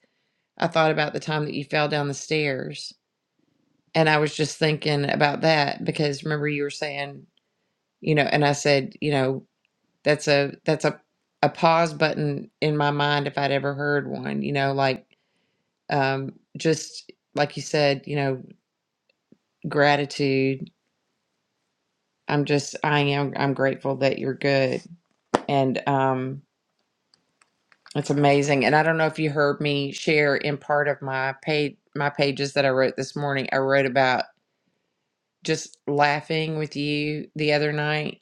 I thought about the time that you fell down the stairs and I was just thinking about that because remember you were saying, you know, and I said, you know, That's a that's a a pause button in my mind if I'd ever heard one. You know, like um, just like you said, you know, gratitude. I'm just I am I'm grateful that you're good, and um, it's amazing. And I don't know if you heard me share in part of my page my pages that I wrote this morning. I wrote about just laughing with you the other night.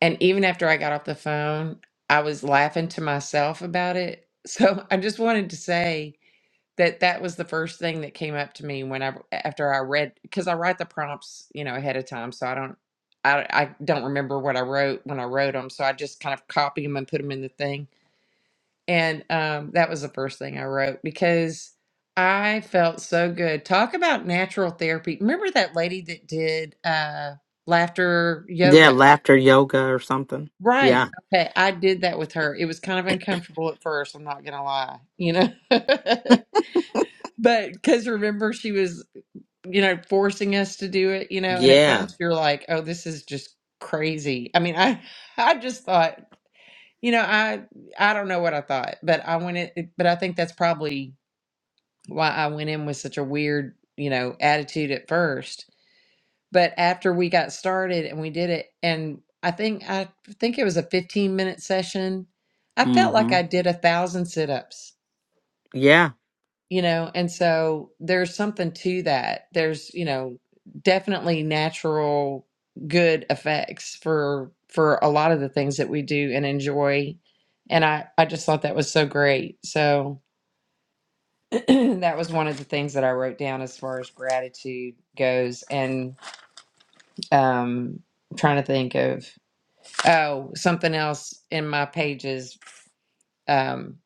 And even after I got off the phone, I was laughing to myself about it. So I just wanted to say that that was the first thing that came up to me when I after I read because I write the prompts you know ahead of time so I don't I, I don't remember what I wrote when I wrote them so I just kind of copy them and put them in the thing and um, that was the first thing I wrote because I felt so good talk about natural therapy remember that lady that did uh, laughter Yeah, yoga laughter yoga or something. right Yeah. okay I did that with her it was kind of uncomfortable at first I'm not gonna lie you know but because remember she was you know, forcing us to do it, you know, and at Yeah. first you're like, oh, this is just crazy. I mean, I I just thought, you know, I I don't know what I thought, but I went in, it- but I think that's probably why I went in with such a weird, you know, attitude at first. But after we got started and we did it and I think I think it was a 15 minute session. I felt like Mm-hmm. I did a thousand sit-ups. Yeah. you know and so there's something to that there's you know definitely natural good effects for for a lot of the things that we do and enjoy and i i just thought that was so great so that was one of the things that i wrote down as far as gratitude goes and um trying to think of oh something else in my pages um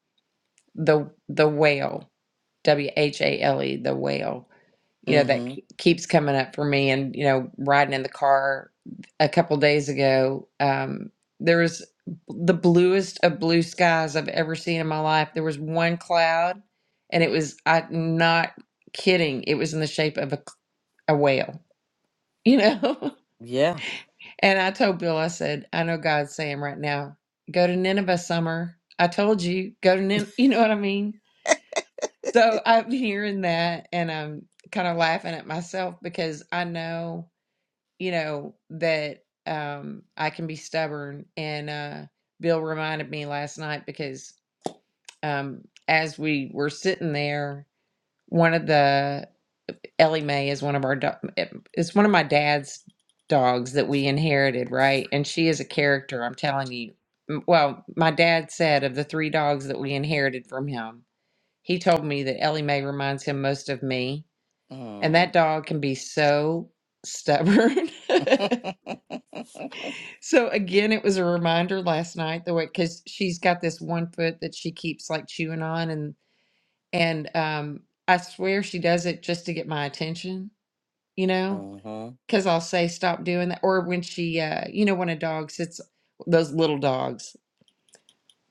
the the whale w h a l e the whale you know that Mm-hmm. ke- keeps coming up for me and you know riding in the car a couple days ago um there was the bluest of blue skies i've ever seen in my life there was one cloud and it was i'm not kidding it was in the shape of a, c- a whale you know Yeah. and i told bill i said i know god's saying right now go to nineveh summer i told you go to Nin-, you know what i mean so i'm hearing that and i'm kind of laughing at myself because i know you know, that um, I can be stubborn. And uh, Bill reminded me last night because um, as we were sitting there, one of the Ellie Mae is one of our do- it's one of my dad's dogs that we inherited, right? And she is a character. I'm telling you. M- Well, my dad said of the three dogs that we inherited from him, he told me that Ellie Mae reminds him most of me, and Mm. that dog can be so stubborn. So again, it was a reminder last night, the way because she's got this one foot that she keeps like chewing on, and and um, I swear she does it just to get my attention, you know, mm-hmm. because I'll say stop doing that, or when she, uh, you know, when a dog sits, those little dogs,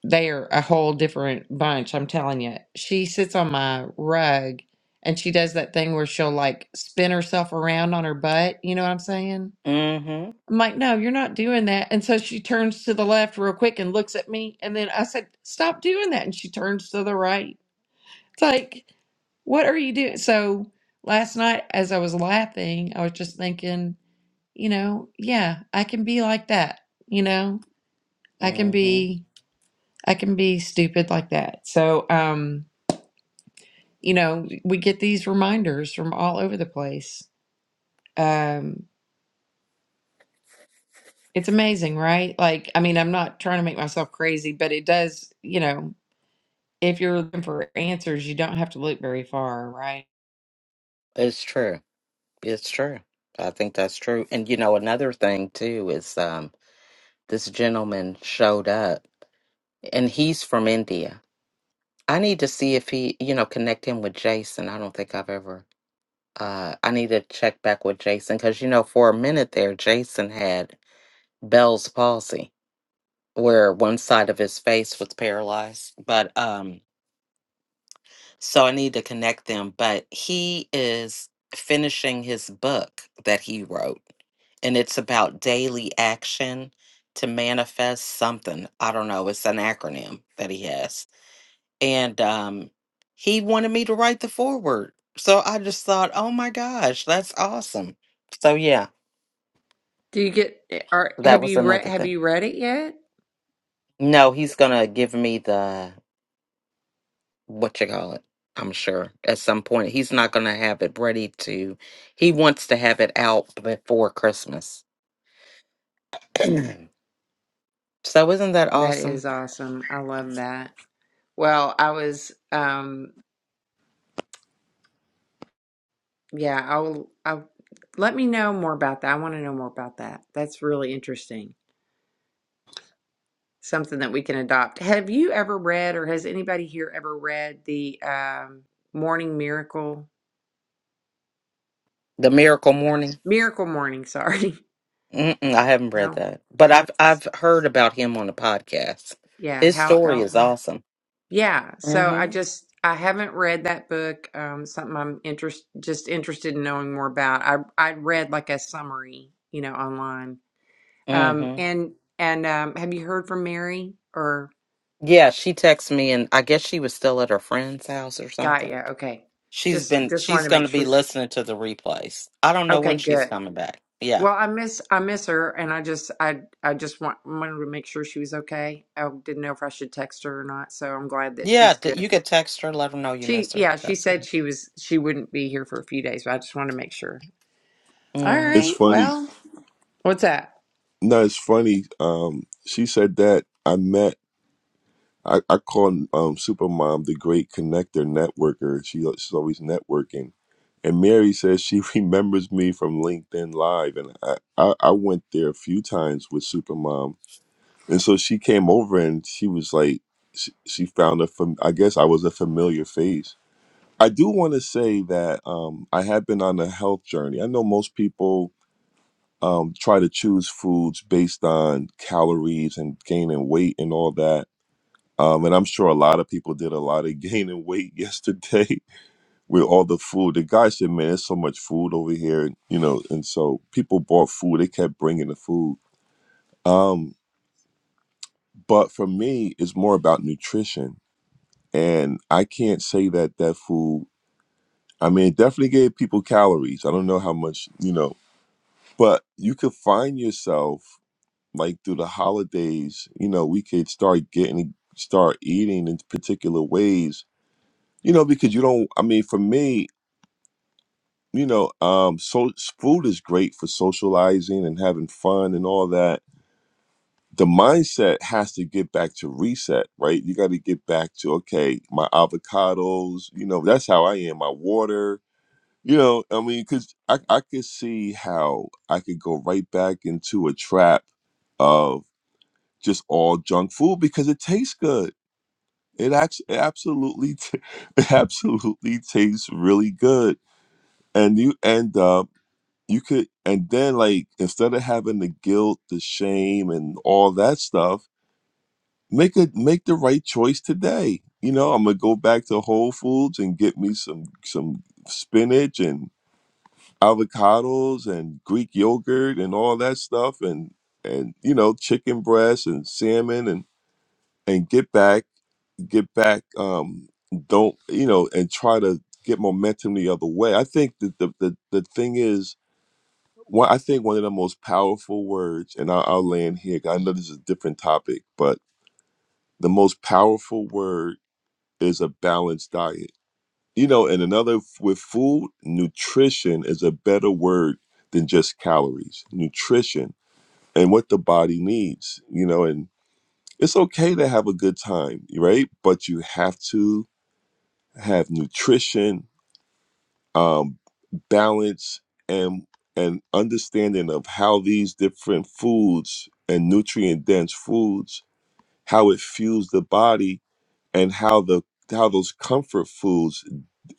they are a whole different bunch. I'm telling you, she sits on my rug, and she does that thing where she'll like spin herself around on her butt. You know what I'm saying? Mm-hmm. I'm like, no, you're not doing that. And so she turns to the left real quick and looks at me. And then I said, stop doing that. And she turns to the right. It's like, what are you doing? So last night, as I was laughing, I was just thinking, you know, yeah, I can be like that. You know, I can Mm-hmm. be, I can be stupid like that. So, um, you know, we get these reminders from all over the place. Um, it's amazing, right? Like, I mean, I'm not trying to make myself crazy, but it does, you know, if you're looking for answers, you don't have to look very far, right? It's true. It's true. I think that's true. And you know, another thing too is um this gentleman showed up and he's from India. I need to see if he, you know, connect him with Jason. I don't think I've ever uh I need to check back with Jason cuz you know, for a minute there Jason had Bell's palsy where one side of his face was paralyzed. But um so I need to connect them. But he is finishing his book that he wrote, and it's about daily action to manifest something. I don't know. It's an acronym that he has, and um, he wanted me to write the foreword. So I just thought, oh my gosh, that's awesome. So yeah, Do you get or that have was you read another have thing. you read it yet? No, he's gonna give me the what you call it. I'm sure at some point he's not going to have it ready to. He wants to have it out before Christmas. so isn't that That is awesome? awesome. I love that. Well, I was um yeah, I'll I'll let me know more about that. I want to know more about that. That's really interesting. Something that we can adopt. Have you ever read or has anybody here ever read the um Morning Miracle? The No. Miracle Morning. Miracle Morning, sorry. Mm-mm, I haven't read No. that, but I was I've just, I've heard about him on the podcast. yeah, His Hal story is Elrod. awesome. Yeah, so I Mhm. just I haven't read that book. Um, something I'm interest just interested in knowing more about. I I read like a summary, you know, online. Um, Mhm. and and um, have you heard from Mary or Yeah, she texted me, and I guess she was still at her friend's house or got something. ya? Okay, She's just been just wanted she's to going make to be sure. She, listening to the replays. I don't know okay, when she's good. coming back. Yeah. Well, I miss I miss her, and I just I I just want, wanted to make sure she was okay. I didn't know if I should text her or not, so I'm glad that Yeah, she's th- good. you could text her, let her know you She miss her. yeah, she That's said it. she was she wouldn't be here for a few days, but I just wanted to make sure. All hmm it's right. funny Well, what's that? no it's funny um she said that i met I, I call um, Supermom the great connector networker. She, she's always networking. And Mary says she remembers me from LinkedIn Live. And I, I, I went there a few times with Supermom. And so she came over and she was like, she, she found a, fam- I guess I was a familiar face. I do want to say that um, I have been on a health journey. I know most people um, try to choose foods based on calories and gaining weight and all that um, and I'm sure a lot of people did a lot of gaining weight yesterday with all the food. The guy said, "Man, there's so much food over here," and, you know. And so people bought food; they kept bringing the food. Um, but for me, it's more about nutrition, and I can't say that that food. I mean, it definitely gave people calories. I don't know how much, you know, but you could find yourself like through the holidays. You know, we could start getting, start eating in particular ways You know, because you don't. I mean, for me, you know, um, so food is great for socializing and having fun and all that. The mindset has to get back to reset, right? You got to get back to okay, my avocados. You know, that's how I am. My water. You know, I mean, because I I could see how I could go right back into a trap of just all junk food because it tastes good. It actually it absolutely t- it absolutely tastes really good and you end up you could and then like instead of having the guilt the shame and all that stuff make a make the right choice today you know i'm gonna go back to whole foods and get me some some spinach and avocados and greek yogurt and all that stuff and and you know chicken breast and salmon and and get back get back um don't you know and try to get momentum the other way i think that the the, the thing is One, I think one of the most powerful words, and I'll, I'll land here 'cause I know this is a different topic, but the most powerful word is a balanced diet. You know, and another with food, nutrition is a better word than just calories. Nutrition and what the body needs, you know, and it's okay to have a good time, right? But you have to have nutrition um, balance and and understanding of how these different foods and nutrient dense foods how it fuels the body and how the how those comfort foods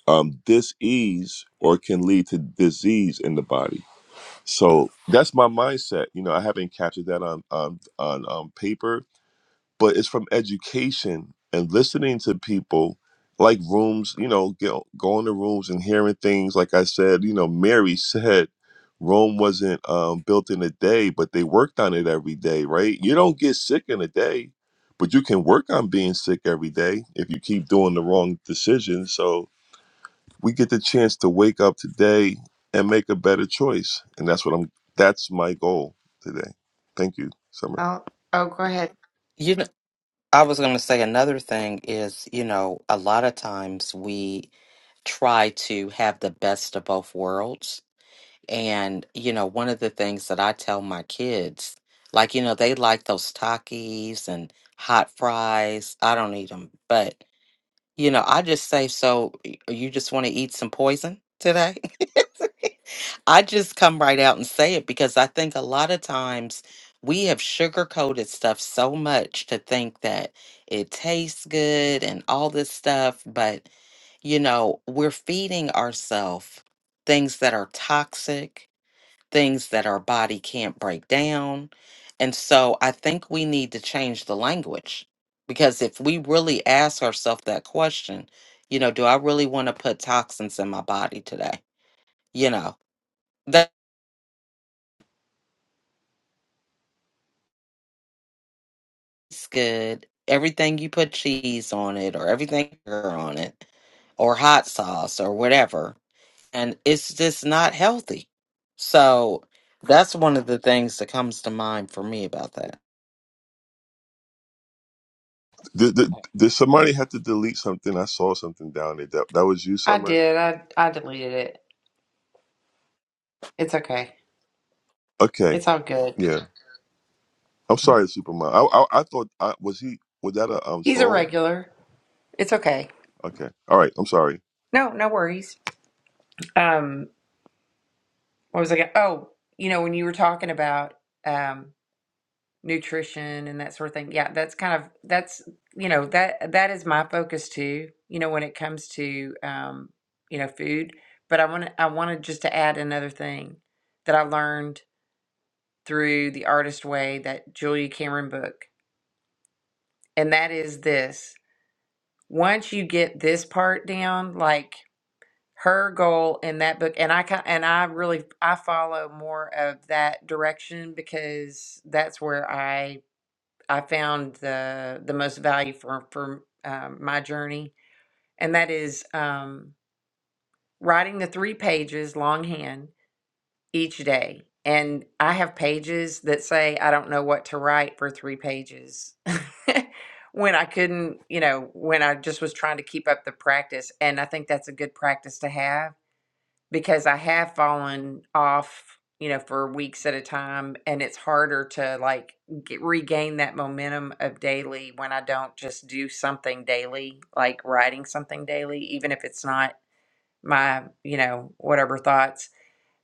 um disease or can lead to disease in the body so that's my mindset you know i haven't captured that on on on, on paper but it's from education and listening to people like rooms you know get, going to rooms and hearing things like i said you know mary said rome wasn't um, built in a day but they worked on it every day right you don't get sick in a day but you can work on being sick every day if you keep doing the wrong decisions so we get the chance to wake up today and make a better choice and that's what i'm that's my goal today thank you summer Oh, oh, go ahead. You know, I was going to say another thing is, you know, a lot of times we try to have the best of both worlds. And, you know, one of the things that I tell my kids, like, you know, they like those Takis and hot fries. I don't eat them, You know, I just say, so y- you just want to eat some poison today? I just come right out and say it because I think a lot of times we have sugarcoated stuff so much to think that it tastes good and all this stuff, but you know, we're feeding ourselves things that are toxic things that our body can't break down. And so I think we need to change the language because if we really ask ourselves that question, you know, do I really want to put toxins in my body today? You know, that's good. Everything you put cheese on it or everything sugar on it or hot sauce or whatever. And it's just not healthy. So that's one of the things that comes to mind for me about that. Did, did, did somebody have to delete something? I saw something down there. That, that was you, I Summer. did. I I deleted it. It's okay. Okay, It's all good. yeah. I'm sorry, Superman. I, I I thought I was he was that a um He's a troll? regular. It's okay. Okay, all right. I'm sorry. No, no worries. Um, what was I going? Oh, you know, when you were talking about um nutrition and that sort of thing. Yeah, that's kind of that's you know that that is my focus too. You know, when it comes to um you know food, but I want to I wanted just to add another thing that I learned through the artist way that Julia Cameron book. And that is this. Once you get this part down, like her goal in that book and I ki- and I really I follow more of that direction because that's where I I found the the most value for for um, my journey and that is um writing the three pages longhand each day. And I have pages that say I don't know what to write for three pages when I couldn't, you know, when I just was trying to keep up the practice. And I think that's a good practice to have because I have fallen off, you know, for weeks at a time. And it's harder to like get, regain that momentum of daily when I don't just do something daily, like writing something daily, even if it's not my, you know, whatever thoughts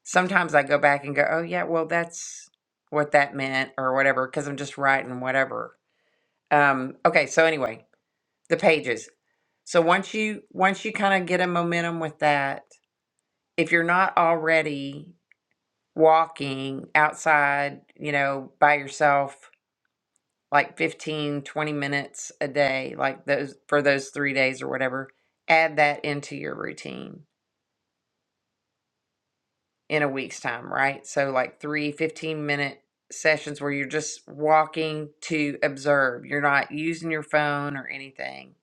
sometimes I go back and go, oh yeah, well that's what that meant or whatever, because I'm just writing whatever. Um, okay, so anyway, the pages. So once you once you kind of get a momentum with that, if you're not already walking outside, you know, by yourself like 15 20 minutes a day, like those for those 3 days or whatever, add that into your routine in a week's time, right? So, like three fifteen minute sessions where you're just walking to observe. You're not using your phone or anything.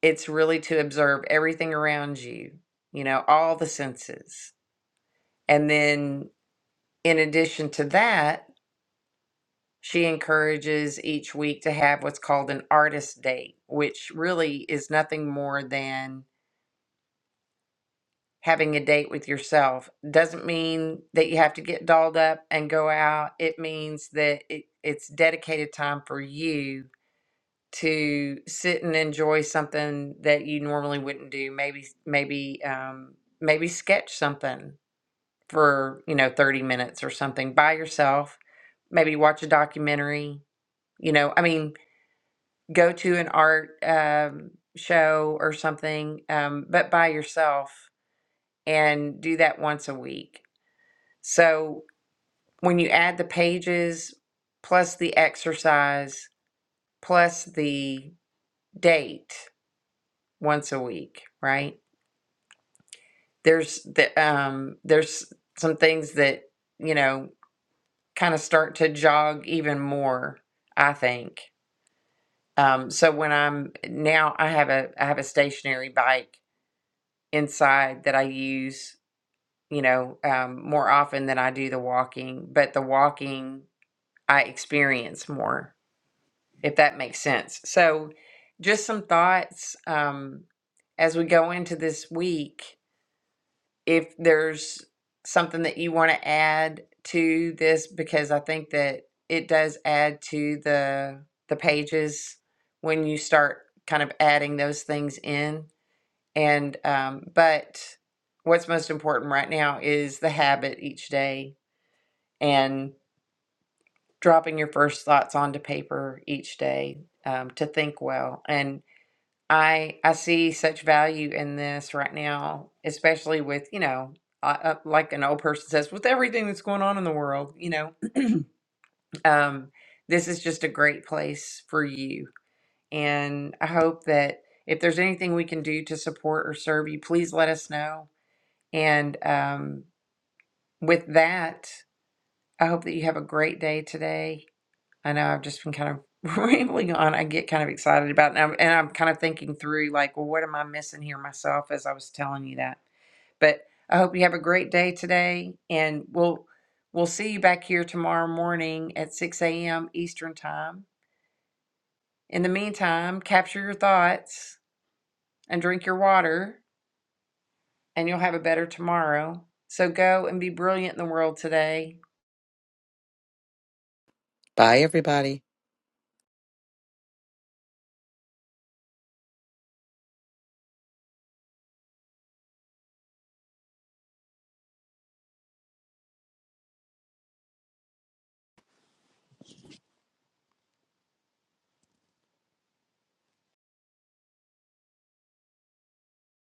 It's really to observe everything around you, you know, all the senses. And then, in addition to that, she encourages each week to have what's called an artist date, which really is nothing more than having a date with yourself doesn't mean that you have to get dolled up and go out. It means that it, it's dedicated time for you to sit and enjoy something that you normally wouldn't do. Maybe, maybe, um, maybe sketch something for, you know, 30 minutes or something by yourself. Maybe watch a documentary, you know, I mean, go to an art, um, show or something, um, but by yourself and do that once a week So when you add the pages plus the exercise plus the date once a week, right? There's the um there's some things that, you know, kind of start to jog even more, I think. Um so when I'm now I have a I have a stationary bike inside that I use, you know, um more often than I do the walking, but the walking I experience more if that makes sense. So, just some thoughts um, as we go into this week. If there's something that you want to add to this, because I think that it does add to the the pages when you start kind of adding those things in. And um, but what's most important right now is the habit each day and dropping your first thoughts onto paper each day um, to think well and I I see such value in this right now, especially with, you know, I, uh, like an old person says, with everything that's going on in the world, you know, um, this is just a great place for you. And I hope that if there's anything we can do to support or serve you, please let us know. And um, with that, I hope that you have a great day today I know I've just been kind of rambling on. I get kind of excited about it. And I'm, and I'm kind of thinking through, like, well, what am I missing here myself as I was telling you that? But I hope you have a great day today. And we'll we'll see you back here tomorrow morning at 6 a.m. Eastern Time. In the meantime, capture your thoughts and drink your water, and you'll have a better tomorrow. So go and be brilliant in the world today. Bye, everybody.